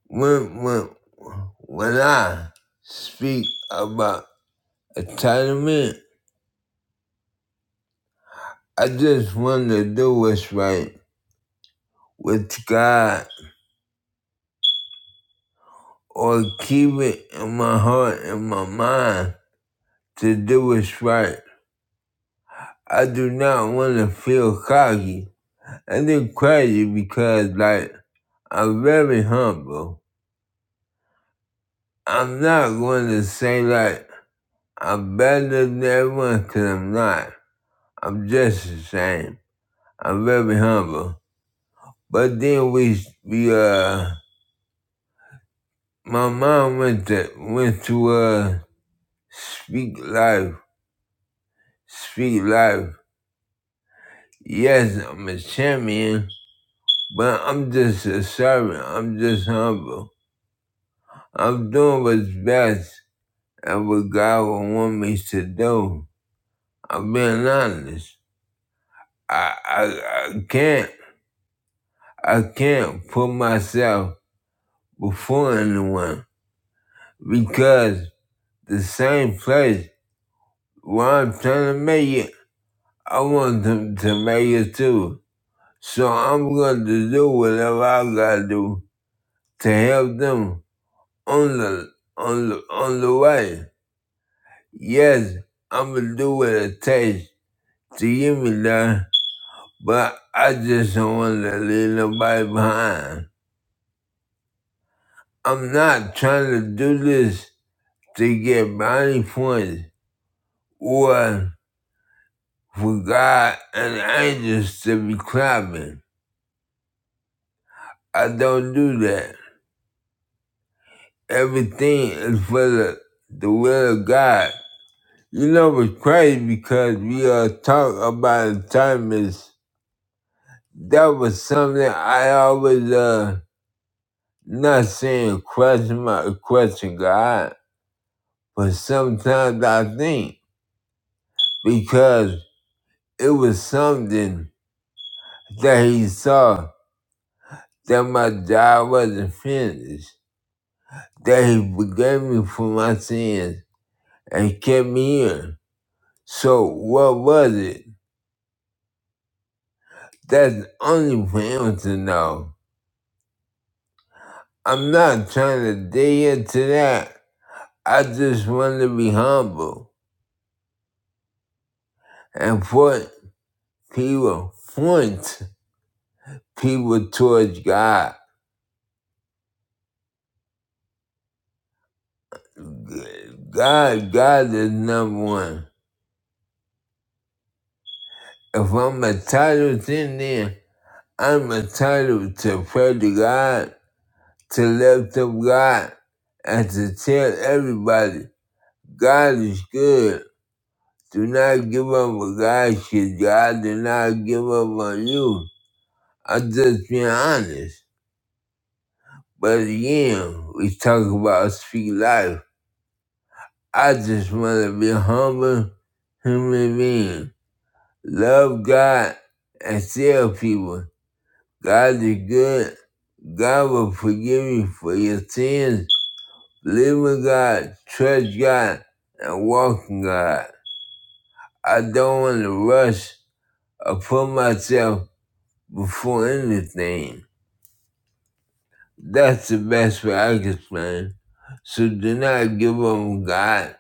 D: When, when, when I speak about entitlement, I just want to do what's right with God or keep it in my heart and my mind to do what's right. I do not want to feel cocky. And it's crazy because, like, I'm very humble. I'm not going to say, like, I'm better than everyone 'cause I'm not. I'm just the same. I'm very humble. But then we, we uh, my mom went to, went to uh, Speak Life. Speak Life. Yes, I'm a champion, but I'm just a servant. I'm just humble. I'm doing what's best and what God would want me to do. I'm being honest. I, I, I can't, I can't put myself before anyone because the same place where I'm trying to make it, I want them to make it too. So I'm going to do whatever I gotta do to help them on the on the on the way. Yes, I'm gonna do what it takes to get me there, but I just don't want to leave nobody behind. I'm not trying to do this to get brownie points or for God and angels to be clapping. I don't do that. Everything is for the, the will of God. You know it's crazy because we are talking about atonement. That was something I always uh not saying question my question God, but sometimes I think because it was something that he saw that my job wasn't finished. that he forgave me for my sins and kept me in. So what was it? That's only for him to know. I'm not trying to dig into that. I just want to be humble and point people, point people towards God. God, God is number one. If I'm entitled to anything, I'm entitled to pray to God to lift up God and to tell everybody God is good. Do not give up on God's shit. God did not give up on you. I'm just being honest. But again, we talk about speak life. I just want to be humble human being. Love God and tell people God is good. God will forgive you for your sins Live with God, trust God, and walk in God. I don't want to rush or put myself before anything. That's the best way I can explain. So do not give up on God,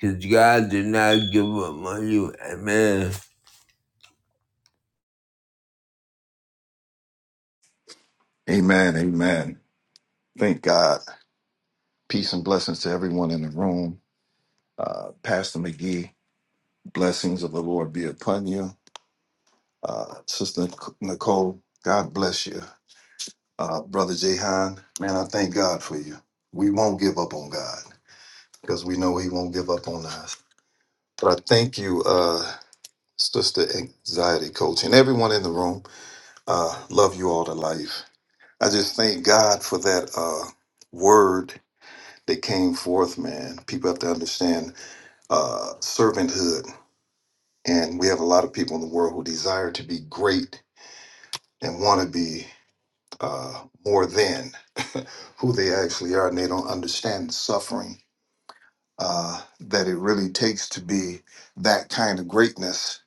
D: because God did not give up on you. Amen.
C: Amen. Amen. Thank God. Peace and blessings to everyone in the room. Uh, Pastor McGee, blessings of the Lord be upon you. Uh, Sister Nicole, God bless you. Uh, Brother Jehan, man, I thank God for you. We won't give up on God because we know He won't give up on us. But I thank you, uh, Sister Anxiety Coach, and everyone in the room. Uh, love you all to life. I just thank God for that uh, word They came forth, man. People have to understand uh, servanthood. And we have a lot of people in the world who desire to be great and want to be uh, more than who they actually are, and they don't understand the suffering uh, that it really takes to be that kind of greatness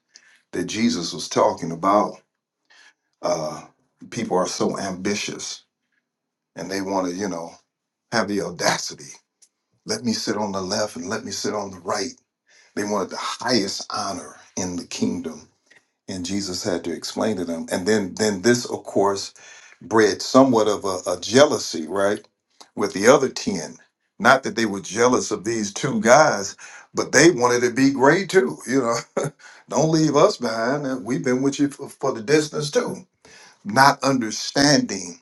C: that Jesus was talking about. Uh, people are so ambitious and they want to, you know, have the audacity. Let me sit on the left and let me sit on the right They wanted the highest honor in the kingdom. And Jesus had to explain to them. And then then this, of course, bred somewhat of a, a jealousy, right? With the other ten. Not that they were jealous of these two guys, but they wanted to be great too. You know, don't leave us behind. We've been with you for, for the distance too. Not understanding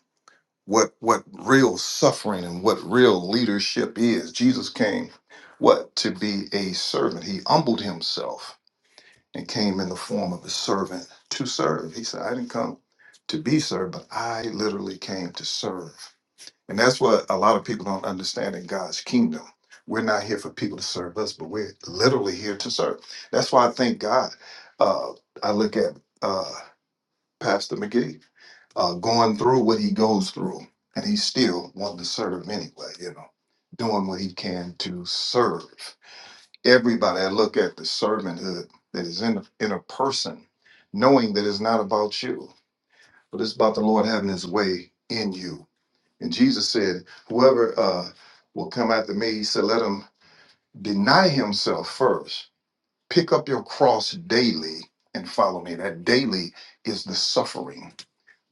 C: what what real suffering and what real leadership is. Jesus came what to be a servant. He humbled himself and came in the form of a servant to serve. He said, I didn't come to be served, but I literally came to serve. And that's what a lot of people don't understand in God's kingdom. We're not here for people to serve us, but we're literally here to serve. That's why I thank God. Uh, I look at uh, Pastor McGee uh, going through what he goes through, and he still wanting to serve anyway, you know, doing what he can to serve. Everybody, I look at the servanthood that is in, in a person, knowing that it's not about you, but it's about the Lord having his way in you. And Jesus said, Whoever uh, will come after me, he said, let him deny himself first, pick up your cross daily and follow me. That daily is the suffering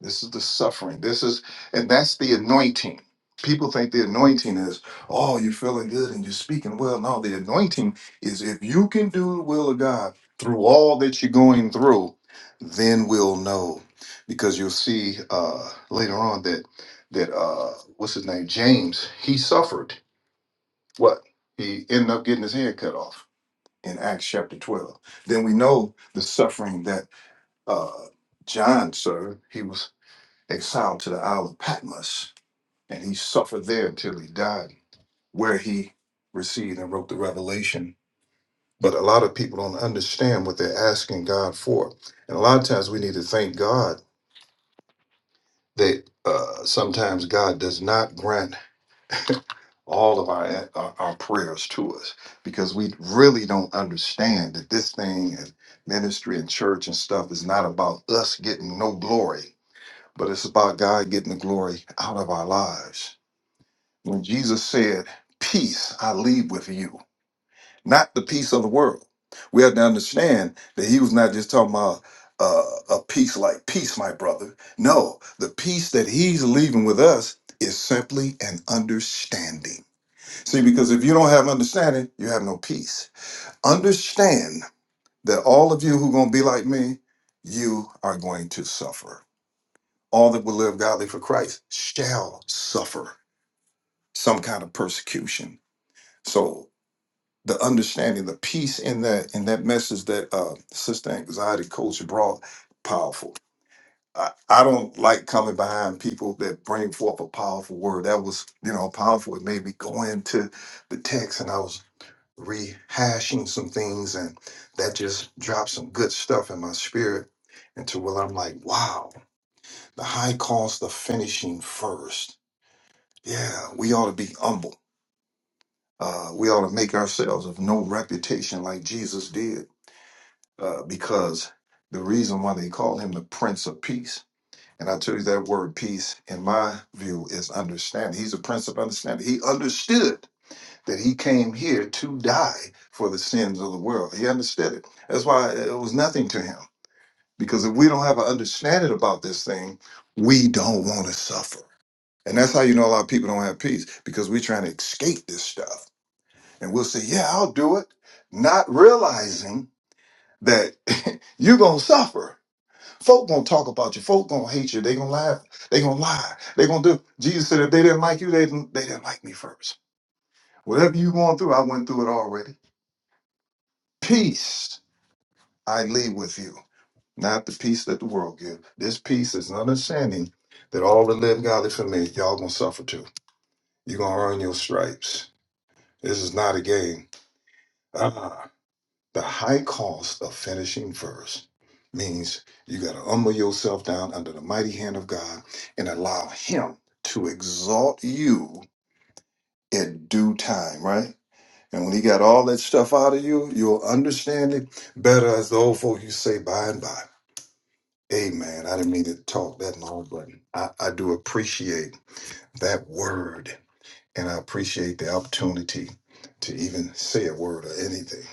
C: this is the suffering. This is, and that's the anointing. People think the anointing is, oh, you're feeling good and you're speaking well. No, the anointing is if you can do the will of God through all that you're going through, then we'll know. Because you'll see uh, later on that that uh, what's his name, James, he suffered what he ended up getting his head cut off in Acts chapter 12. Then we know the suffering that uh, John suffered. He was exiled to the Isle of Patmos, and he suffered there until he died, where he received and wrote the Revelation. But a lot of people don't understand what they're asking God for, and a lot of times we need to thank God that uh, sometimes God does not grant all of our, our our prayers to us because we really don't understand that this thing and ministry and church and stuff is not about us getting no glory, but it's about God getting the glory out of our lives when Jesus said, Peace I leave with you, not the peace of the world. We have to understand that he was not just talking about uh, a peace like peace, my brother. No, the peace that he's leaving with us is simply an understanding. See, because if you don't have understanding, you have no peace. Understand that all of you who are going to be like me, you are going to suffer. All that will live godly for Christ shall suffer some kind of persecution. So the understanding, the peace in that in that message that uh, Sister Anxiety Coach brought, powerful. I, I don't like coming behind people that bring forth a powerful word. That was, you know, powerful. It made me go into the text and I was rehashing some things and that just dropped some good stuff in my spirit And to where I'm like, wow, the high cost of finishing first. Yeah, we ought to be humble. Uh, we ought to make ourselves of no reputation like Jesus did uh, because the reason why they call him the Prince of Peace, and I tell you that word peace, in my view, is understanding. He's a Prince of Understanding. He understood that he came here to die for the sins of the world. He understood it. That's why it was nothing to him. Because if we don't have an understanding about this thing, we don't want to suffer. And that's how you know a lot of people don't have peace because we're trying to escape this stuff. And we'll say, yeah, I'll do it, not realizing that you're going to suffer Folk gonna talk about you. Folk gonna hate you. They gonna laugh. They gonna lie. They gonna do. Jesus said, if they didn't like you, they didn't, they didn't like me first. Whatever you going through, I went through it already. Peace I leave with you, not the peace that the world gives. This peace is an understanding that all that live godly for me, y'all gonna suffer too. You're gonna earn your stripes. This is not a game. Ah. The high cost of finishing first means you got to humble yourself down under the mighty hand of God and allow Him to exalt you in due time, right? And when He got all that stuff out of you, you'll understand it better, as the old folk you say, by and by. Amen. I didn't mean to talk that long, but I, I do appreciate that word and I appreciate the opportunity to even say a word or anything.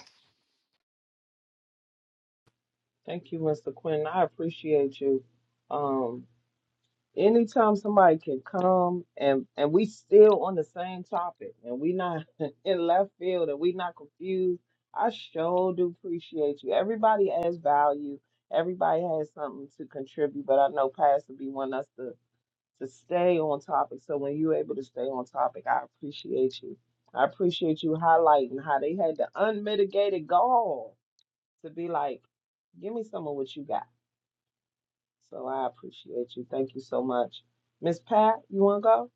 B: Thank you, Mr. Quentin. I appreciate you. Um, anytime somebody can come and and we still on the same topic and we not in left field and we not confused i sure do appreciate you everybody has value everybody has something to contribute but i know pastor b want us to to stay on topic so when you're able to stay on topic i appreciate you i appreciate you highlighting how they had the unmitigated gall to be like give me some of what you got so I appreciate you. Thank you so much. Miss Pat, you want to go?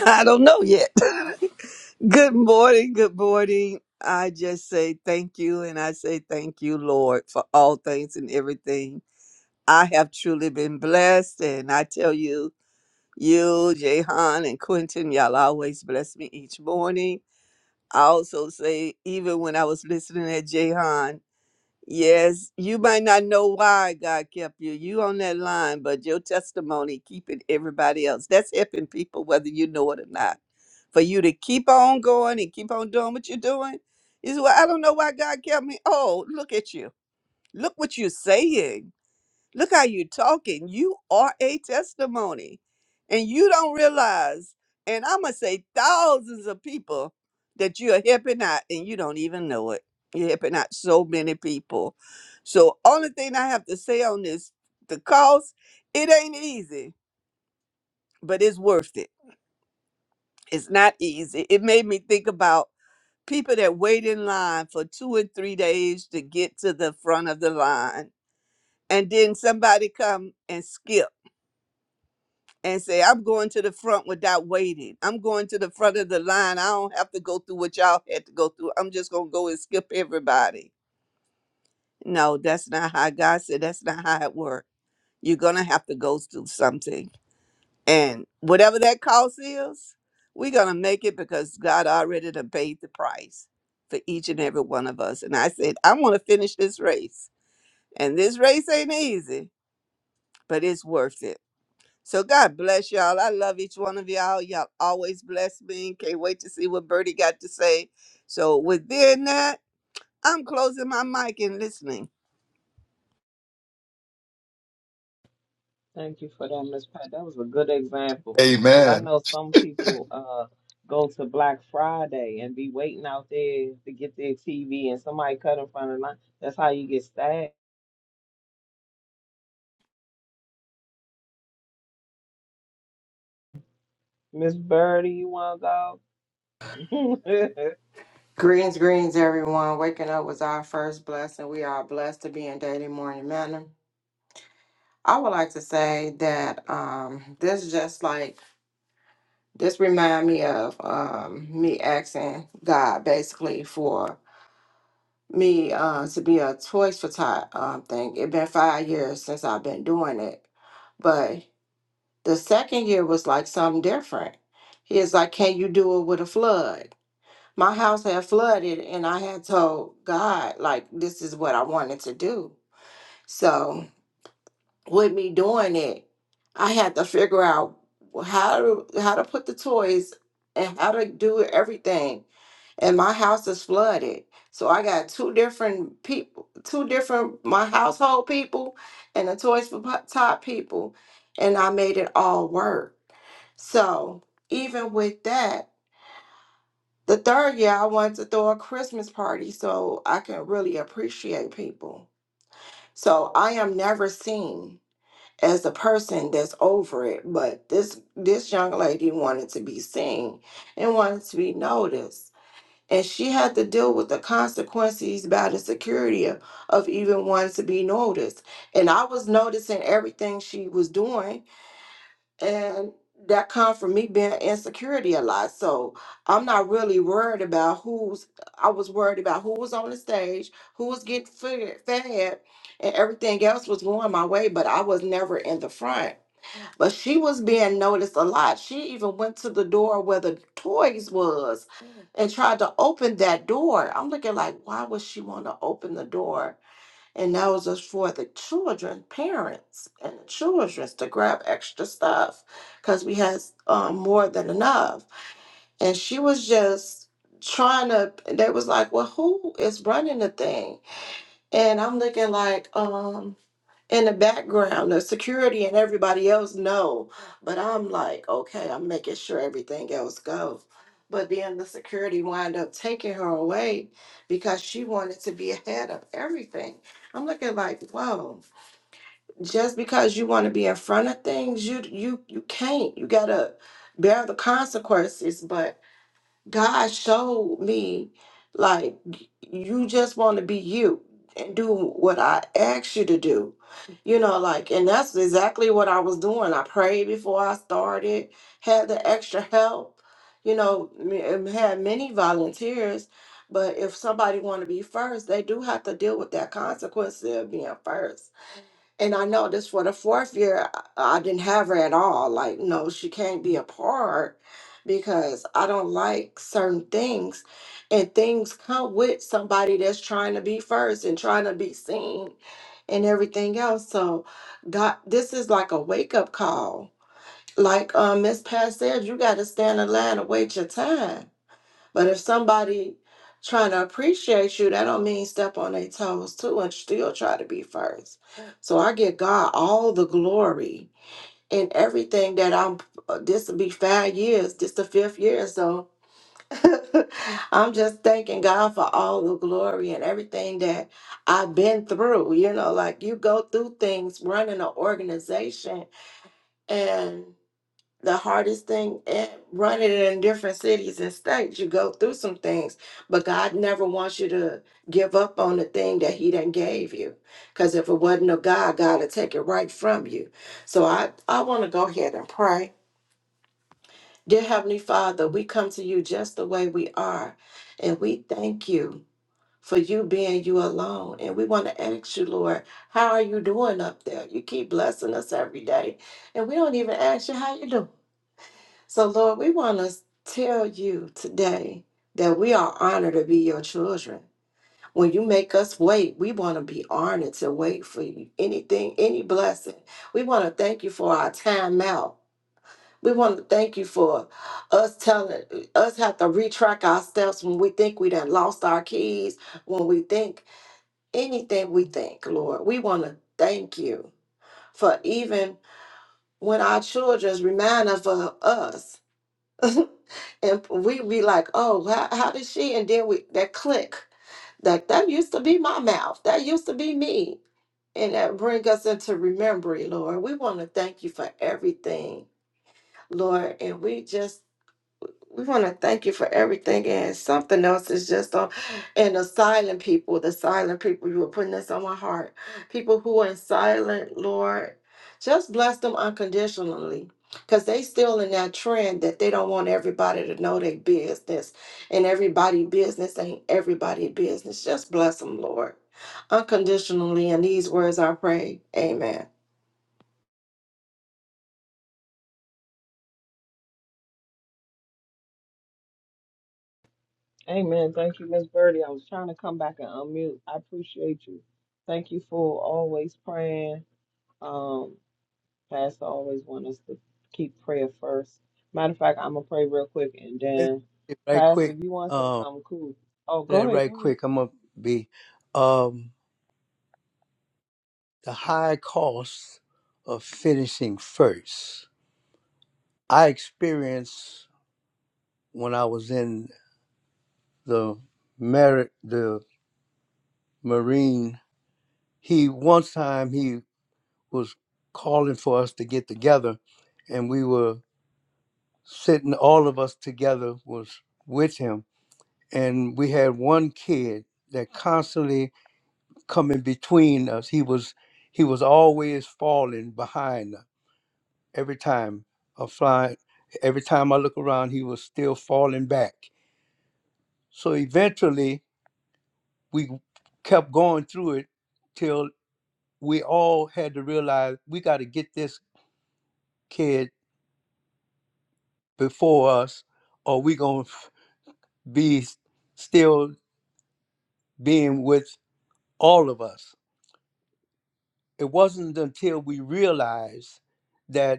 E: I don't know yet. good morning. Good morning. I just say thank you and I say thank you, Lord, for all things and everything. I have truly been blessed. And I tell you, you, Jehan, and Quentin, y'all always bless me each morning. I also say, even when I was listening at Jehan. Yes, you might not know why God kept you. You on that line, but your testimony keeping everybody else. That's helping people, whether you know it or not. For you to keep on going and keep on doing what you're doing. Is well, I don't know why God kept me. Oh, look at you. Look what you're saying. Look how you're talking. You are a testimony. And you don't realize, and I'm going to say thousands of people that you are helping out and you don't even know it. You're helping out so many people. So, only thing I have to say on this the cost, it ain't easy, but it's worth it. It's not easy. It made me think about people that wait in line for two and three days to get to the front of the line. And then somebody come and skip and say, I'm going to the front without waiting. I'm going to the front of the line. I don't have to go through what y'all had to go through. I'm just going to go and skip everybody. No, that's not how God said, that's not how it works. You're going to have to go through something. And whatever that cost is, we're going to make it because God already done paid the price for each and every one of us. And I said, I want to finish this race. And this race ain't easy, but it's worth it. So God bless y'all. I love each one of y'all. Y'all always bless me. Can't wait to see what Birdie got to say. So within that, I'm closing my mic and listening.
B: Thank you for that, Miss Pat. That was a good example because I
C: Amen.
B: know some people uh go to Black Friday and be waiting out there to get their TV and somebody cut in front of the line. That's how you get stabbed. Miss Birdie, you want to go?
F: Greens, greens, everyone. Waking up was our first blessing. We are blessed to be in daily morning manner. I would like to say that um, this just like this remind me of um, me asking God basically for me uh, to be a choice for type um, thing. It been five years since I've been doing it, but the second year was like something different. He is like, "Can you do it with a flood?" My house had flooded and I had told God, like, this is what I wanted to do. So with me doing it, I had to figure out how to how to put the toys and how to do everything. And my house is flooded. So I got two different people, two different my household people and the Toys for Tot Tot people. And I made it all work. So even with that, The third year, I wanted to throw a Christmas party so I can really appreciate people. So I am never seen as a person that's over it, but this this young lady wanted to be seen and wanted to be noticed. And she had to deal with the consequences by the security of, of even wanting to be noticed. And I was noticing everything she was doing and that comes from me being insecurity a lot. So I'm not really worried about who's. I was worried about who was on the stage, who was getting fed, fed and everything else was going my way. But I was never in the front. But she was being noticed a lot. She even went to the door where the toys was and tried to open that door. I'm looking like, why would she want to open the door? And that was just for the children, parents, and the childrens to grab extra stuff because we had um, more than enough. And she was just trying to, they was like, well, who is running the thing? And I'm looking like, um, in the background, the security and everybody else know. But I'm like, okay, I'm making sure everything else goes. But then the security wind up taking her away because she wanted to be ahead of everything. I'm looking like, whoa, just because you want to be in front of things, you you you can't. You gotta bear the consequences. but. God showed me like you just want to be you and do what I asked you to do. You know, like and that's exactly what I was doing. I prayed before I started, had the extra help, you know, m- and had many volunteers, but if somebody want to be first, they do have to deal with that consequence of being first and I know this for the fourth year, I I didn't have her at all. Like, no, she can't be a part because I don't like certain things. And things come with somebody that's trying to be first and trying to be seen and everything else. So, God, this is like a wake up call. Like um, Miss Pat said, you got to stand in line and wait your time but if somebody trying to appreciate you, that don't mean step on their toes too and still try to be first. So I give God all the glory in everything that I'm. uh, This will be five years. This the fifth year, so I'm just thanking God for all the glory and everything that I've been through. You know, like you go through things running an organization, and the hardest thing and running in different cities and states you go through some things but god never wants you to give up on the thing that he done gave you because if it wasn't of god god would take it right from you so i i want to go ahead and pray dear heavenly father we come to you just the way we are and we thank you for you being you alone and we want to ask you lord how are you doing up there you keep blessing us every day and we don't even ask you how you doing so, Lord, we want to tell you today that we are honored to be your children. When you make us wait, we want to be honored to wait for you. Anything, any blessing. We want to thank you for our time out. We want to thank you for us telling us have to retrack our steps when we think we done lost our keys, when we think anything we think, Lord. We want to thank you for even when our children remind us of uh, us and we be like, oh, how, how did she? And then we that click, like that used to be my mouth. That used to be me. And that bring us into remembering, Lord. We want to thank you for everything, Lord. And we just we want to thank you for everything. And something else is just on, and the silent people, the silent people, you were putting this on my heart. People who are silent, Lord, just bless them unconditionally. Because they still in that trend that they don't want everybody to know their business. And everybody business ain't everybody business. Just bless them, Lord. Unconditionally. And these words I pray. Amen.
B: Amen. Thank you, Miss Birdie. I was trying to come back and unmute. I appreciate you. Thank you for always praying. Um, Pastor always want us to keep prayer first. Matter of fact, I'm gonna pray real quick and then
A: Right
B: Pastor,
A: quick,
B: if you want to say
A: um,
B: something cool. Oh, go
A: right
B: ahead,
A: right
B: go ahead.
A: quick, I'm gonna be um the high cost of finishing first. I experienced when I was in the merit the Marine. He one time he was calling for us to get together, and we were sitting all of us together was with him, and we had one kid that constantly coming between us. He was he was always falling behind us. every time I flying. Every time I look around, he was still falling back. So eventually, we kept going through it till we all had to realize we got to get this kid before us, or we gonna be still being with all of us. It wasn't until we realized that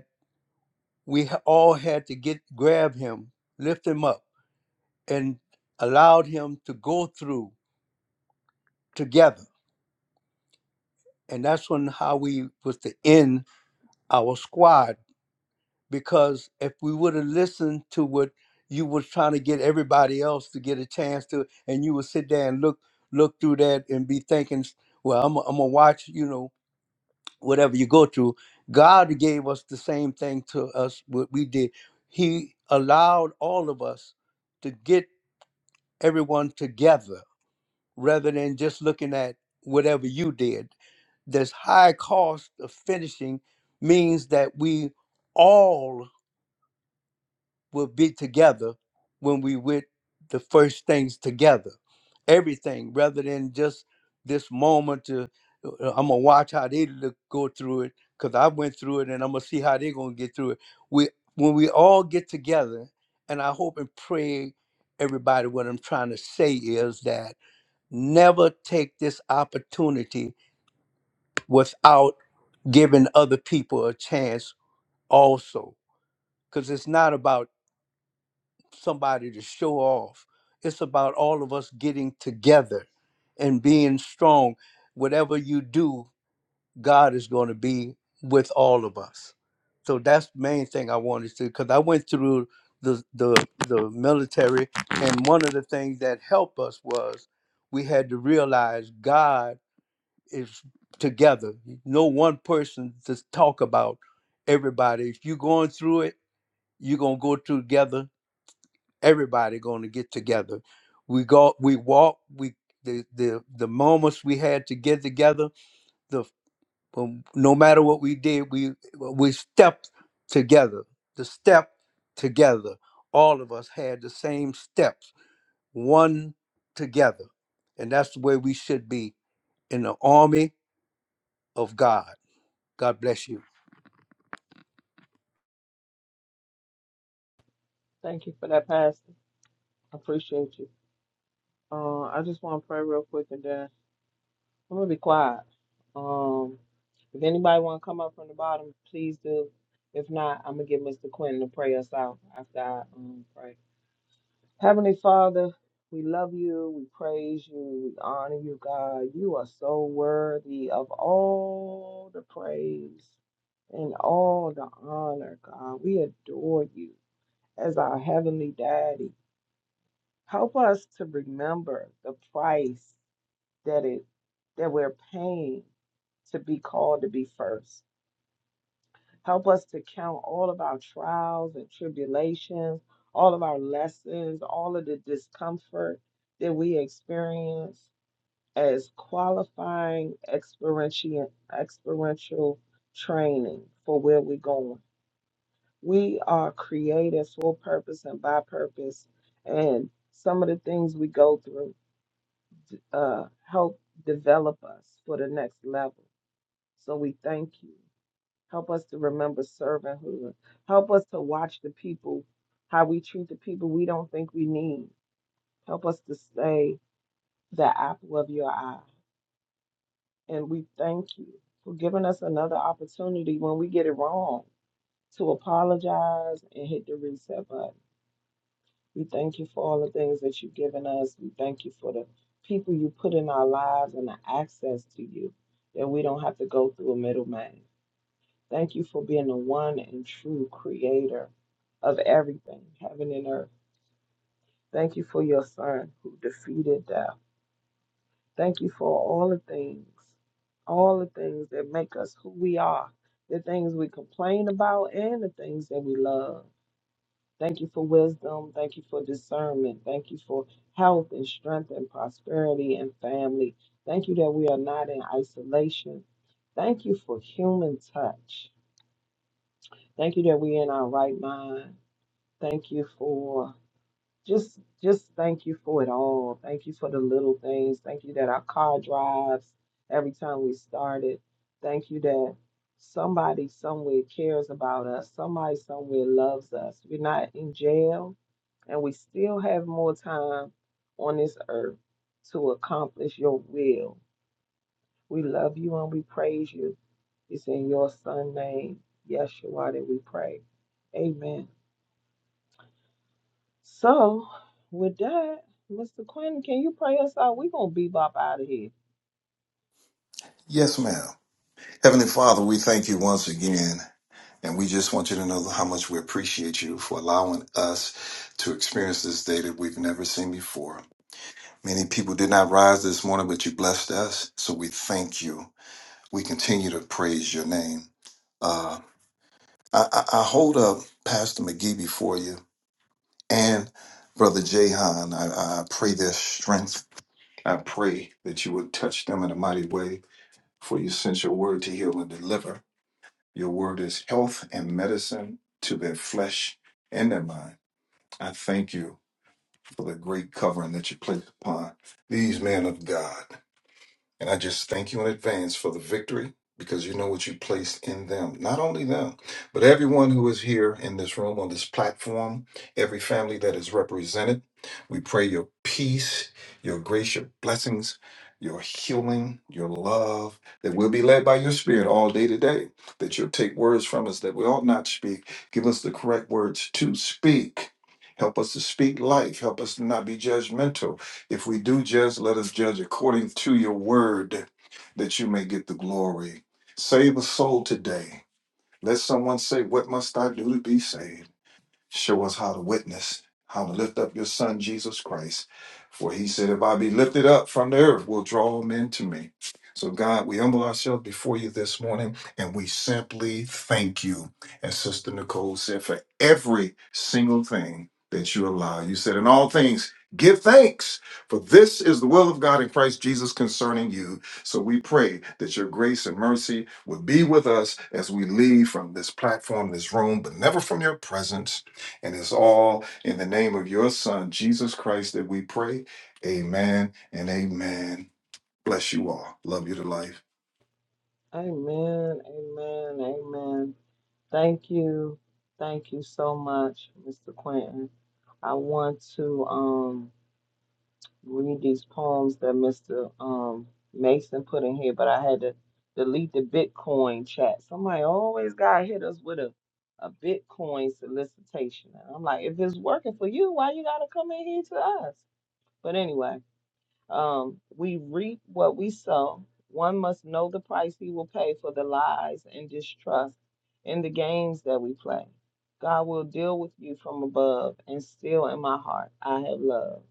A: we ha- all had to get grab him, lift him up, and allowed him to go through together. And that's when how we was to end our squad because if we would have listened to what you was trying to get everybody else to get a chance to, and you would sit there and look look through that and be thinking, well, I'm i am i gonna watch, you know, whatever you go through. God gave us the same thing to us what we did. He allowed all of us to get everyone together rather than just looking at whatever you did. This high cost of finishing means that we all will be together when we with the first things together. Everything rather than just this moment to uh, I'm gonna watch how they look, go through it because I went through it and I'm gonna see how they're gonna get through it. We when we all get together, and I hope and pray everybody what I'm trying to say is that never take this opportunity without giving other people a chance also because it's not about somebody to show off it's about all of us getting together and being strong whatever you do god is going to be with all of us so that's the main thing i wanted to because i went through the, the the military and one of the things that helped us was we had to realize god is together. No one person to talk about everybody. If you're going through it, you're gonna go through together. Everybody gonna get together. We go, we walk, we the the the moments we had to get together. The um, no matter what we did, we we stepped together. The step together. All of us had the same steps, one together, and that's the way we should be in the army of God. God bless you.
B: Thank you for that, Pastor. I Appreciate you. Uh, I just want to pray real quick and then I'm gonna be quiet. Um, if anybody want to come up from the bottom, please do. If not, I'm gonna get Mr. Quentin to pray us out after I um, pray. Heavenly Father, we love you, we praise you, we honor you, God. You are so worthy of all the praise and all the honor, God. We adore you as our Heavenly Daddy. Help us to remember the price that it that we're paying to be called to be first. Help us to count all of our trials and tribulations, all of our lessons, all of the discomfort that we experience as qualifying experiential, experiential training for where we're going. We are created for purpose and by purpose, and some of the things we go through uh, help develop us for the next level. So we thank you. Help us to remember servanthood. Help us to watch the people, how we treat the people we don't think we need. Help us to stay the apple of your eye. And we thank you for giving us another opportunity when we get it wrong to apologize and hit the reset button. We thank you for all the things that you've given us. We thank you for the people you put in our lives and the access to you that we don't have to go through a middleman. Thank you for being the one and true creator of everything, heaven and earth. Thank you for your son who defeated death. Thank you for all the things, all the things that make us who we are, the things we complain about and the things that we love. Thank you for wisdom. Thank you for discernment. Thank you for health and strength and prosperity and family. Thank you that we are not in isolation. Thank you for human touch. Thank you that we're in our right mind. Thank you for just just thank you for it all. Thank you for the little things. Thank you that our car drives every time we started. Thank you that somebody somewhere cares about us. Somebody somewhere loves us. We're not in jail and we still have more time on this earth to accomplish your will. We love you and we praise you. It's in your son name, Yeshua, that we pray. Amen. So, with that, Mr. Quinn, can you pray us out? We're going to bebop out of here.
C: Yes, ma'am. Heavenly Father, we thank you once again, and we just want you to know how much we appreciate you for allowing us to experience this day that we've never seen before. Many people did not rise this morning, but you blessed us, so we thank you. we continue to praise your name. Uh, I, I, I hold up Pastor McGee before you and Brother Jahan. I, I pray their strength. I pray that you would touch them in a mighty way, for you sent your word to heal and deliver. Your word is health and medicine to their flesh and their mind. I thank you for the great covering that you placed upon these men of God. And I just thank you in advance for the victory because you know what you placed in them. Not only them, but everyone who is here in this room, on this platform, every family that is represented. We pray your peace, your grace, your blessings, your healing, your love, that we'll be led by your spirit all day today, that you'll take words from us that we ought not speak. Give us the correct words to speak. Help us to speak life. Help us to not be judgmental. If we do judge, let us judge according to your word, that you may get the glory. Save a soul today. Let someone say, What must I do to be saved? Show us how to witness, how to lift up your son, Jesus Christ. For he said, If I be lifted up from the earth, will draw men to me. So, God, we humble ourselves before you this morning and we simply thank you, as Sister Nicole said, for every single thing that you allow. You said, In all things, give thanks, for this is the will of God in Christ Jesus concerning you. So we pray that your grace and mercy would be with us as we leave from this platform, this room, but never from your presence. And it's all in the name of your Son, Jesus Christ, that we pray. Amen and amen. Bless you all. Love you to life.
B: Amen, amen, amen. Thank you. Thank you so much, Mr. Quentin. I want to um, read these poems that Mr. Um, Mason put in here, but I had to delete the Bitcoin chat. Somebody always got to hit us with a, a Bitcoin solicitation. And I'm like, if it's working for you, why you got to come in here to us? But anyway. Um, we reap what we sow. One must know the price he will pay for the lies and distrust in the games that we play. God will deal with you from above, and still in my heart, I have love.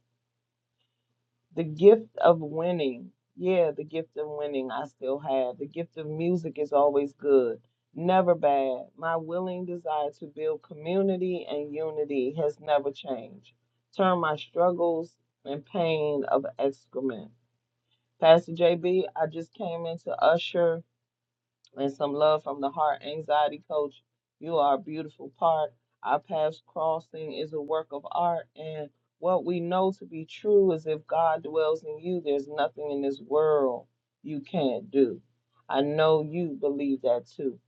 B: The gift of winning, yeah, the gift of winning, I still have. The gift of music is always good, never bad. My willing desire to build community and unity has never changed. Turn my struggles and pain of excrement Pastor JB, I just came in to usher and some love from the heart anxiety coach. You are a beautiful part. Our paths crossing is a work of art. And what we know to be true is if God dwells in you, there's nothing in this world you can't do. I know you believe that too.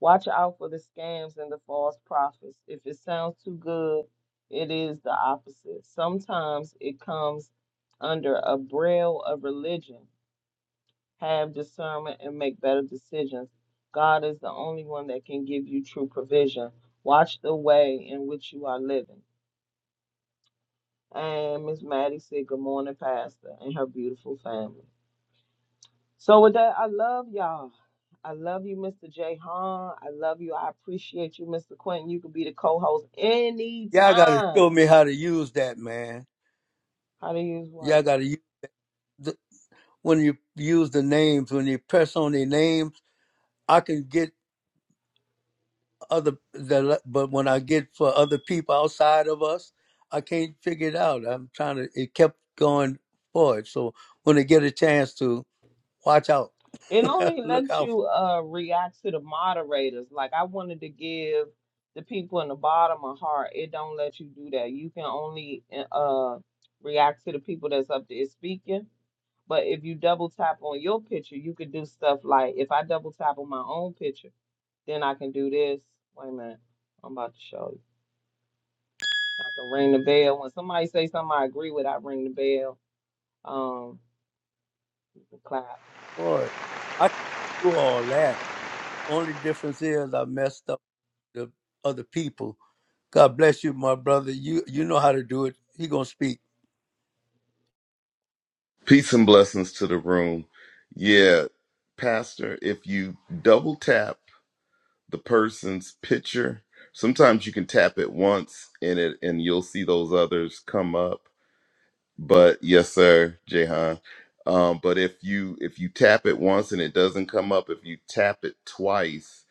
B: Watch out for the scams and the false prophets. If it sounds too good, it is the opposite. Sometimes it comes under a braille of religion have discernment and make better decisions. God is the only one that can give you true provision. Watch the way in which you are living. And Miss Maddie said, Good morning, Pastor, and her beautiful family. So, with that, I love y'all. I love you, Mr. J. Hahn. I love you. I appreciate you, Mr. Quentin. You can be the co host
A: Y'all gotta
B: anytime.
A: show me how to use that, man.
B: How to use
A: Y'all
B: one?
A: gotta use the, when you use the names, when you press on the names, I can get other the but when I get for other people outside of us, I can't figure it out. I'm trying to it kept going forward. So when they get a chance to watch out.
B: It only
A: Look
B: lets
A: out
B: you uh react to the moderators. Like I wanted to give the people in the bottom a heart. It don't let you do that. You can only eh, uh react to the people that's up there speaking. But if you double tap on your picture, you could do stuff like if I double tap on my own picture, then I can do this. Wait a minute, I'm about to show you. I can ring the bell when somebody say something I agree with. I ring the bell. Um, you can clap.
A: for it. I can do all that. Only difference is I messed up the other people. God bless you, my brother. You you know how to do it. He gonna speak.
G: Peace and blessings to the room. Yeah, Pastor, if you double tap the person's picture, sometimes you can tap it once and it and you'll see those others come up. But yes, sir, Jehan. Um, but if you if you tap it once and it doesn't come up, if you tap it twice,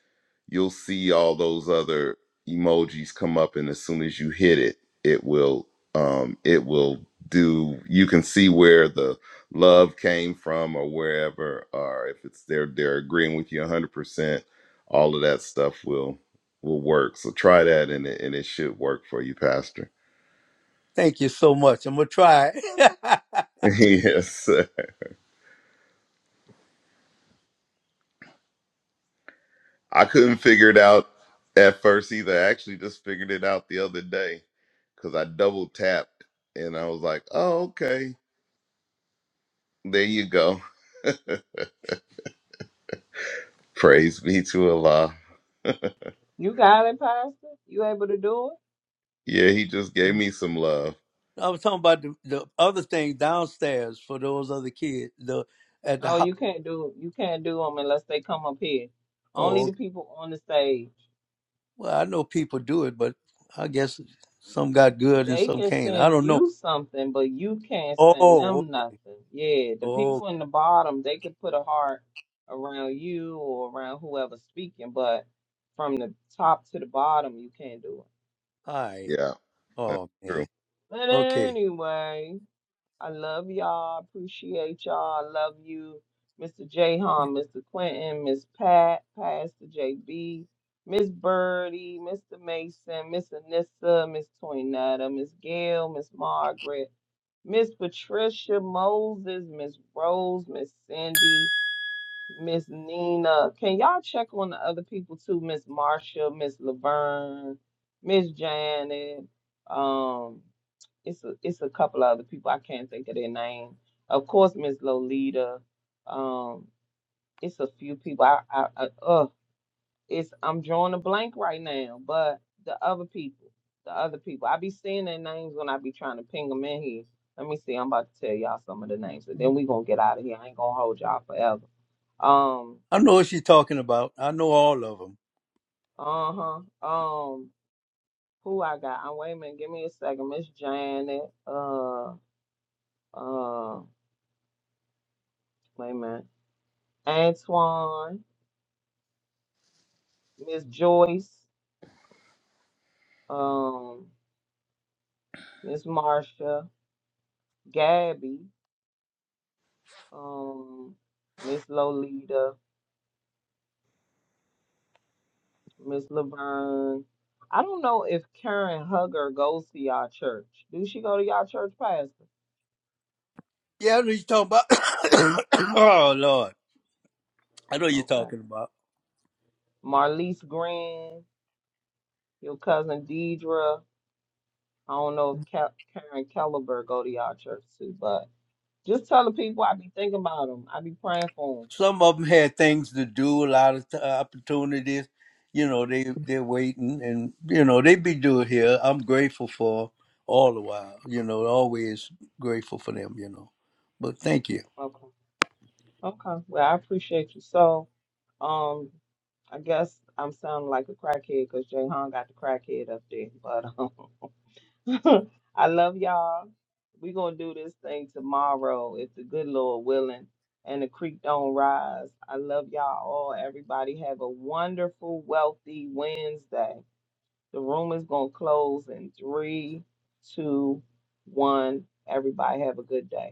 G: you'll see all those other emojis come up and as soon as you hit it it will um it will do you can see where the love came from or wherever or if it's they're they're agreeing with you 100% all of that stuff will will work so try that and it, and it should work for you pastor
A: Thank you so much. I'm gonna try. I
G: yes i couldn't figure it out at first either i actually just figured it out the other day because i double tapped and I was like, "Oh, okay." There you go. Praise be to Allah.
B: You got it, Pastor. You able to do it?
G: Yeah, he just gave me some love.
A: was talking about the, the other thing downstairs for those other kids. The at the
B: Oh,
A: house.
B: you can't do you can't do them unless they come up here. Only
A: Oh,
B: the
A: okay.
B: people on the stage.
A: well, I know people do it, but I guess some got good and
B: They
A: some
B: can
A: can't. I
B: send
A: don't know.
B: you something, but you can't
A: Oh,
B: send them nothing. Yeah, the
A: oh, all
B: people in the bottom they can put a heart around you or around whoever's speaking, but from the top to the bottom you can't do
A: right.
G: Yeah, that's
A: Oh
G: true.
A: man.
B: it. But
A: Okay.
B: anyway, I love y'all. Appreciate y'all. I love you, Mr. Jahan, Mr. Quentin, Miss Pat, Pastor JB, Miss Birdie, Mr. Mason, Miss Anissa, Miss Toinetta, Miss Gail, Miss Margaret, Miss Patricia Moses, Miss Rose, Miss Cindy, Miss Nina. Can y'all check on the other people too? Miss Marsha, Miss Laverne, Miss Janet. Um, it's a, it's a couple of other people I can't think of their name. Of course, Miss Lolita. Um, it's a few people. I, I, I uh, it's I'm drawing a blank right now. But the other people, the other people, I be seeing their names when I be trying to ping them in here. Let me see. I'm about to tell y'all some of the names, and then we gonna get out of here. I ain't gonna hold y'all forever. Um,
A: I know what she's talking about. I know all of them.
B: uh huh. Um, who I got? Uh, wait a minute. Give me a second. Miss Janet. Uh, uh, wait a minute. Antoine. Miss Joyce, um, Miss Marsha, Gabby, um, Miss Lolita, Miss Laverne. I don't know if Karen Hugger goes to y'all church. Do she go to y'all church, Pastor?
A: Yeah, I know you're talking about. oh Lord, I know you're
B: Okay.
A: talking about.
B: Marlise Green, your cousin Deidre. I don't know if Ka- Karen Caliber go to y'all church too, but just tell the people I be thinking about them. I be praying for
A: Some of them had things to do, a lot of t- uh, opportunities. You know, they they're waiting, and you know they be doing here. I'm grateful for all the while. You know, always grateful for them. You know, but thank you.
B: them. Okay. Well, I appreciate you. So, um, I guess I'm sounding like a crackhead because Jayhan got the crackhead up there. But um, I love y'all. we going to do this thing tomorrow if the good Lord willing and the creek don't rise. I love y'all all. Everybody have a wonderful, wealthy Wednesday. The room is going to close in three, two, one. Everybody have a good day.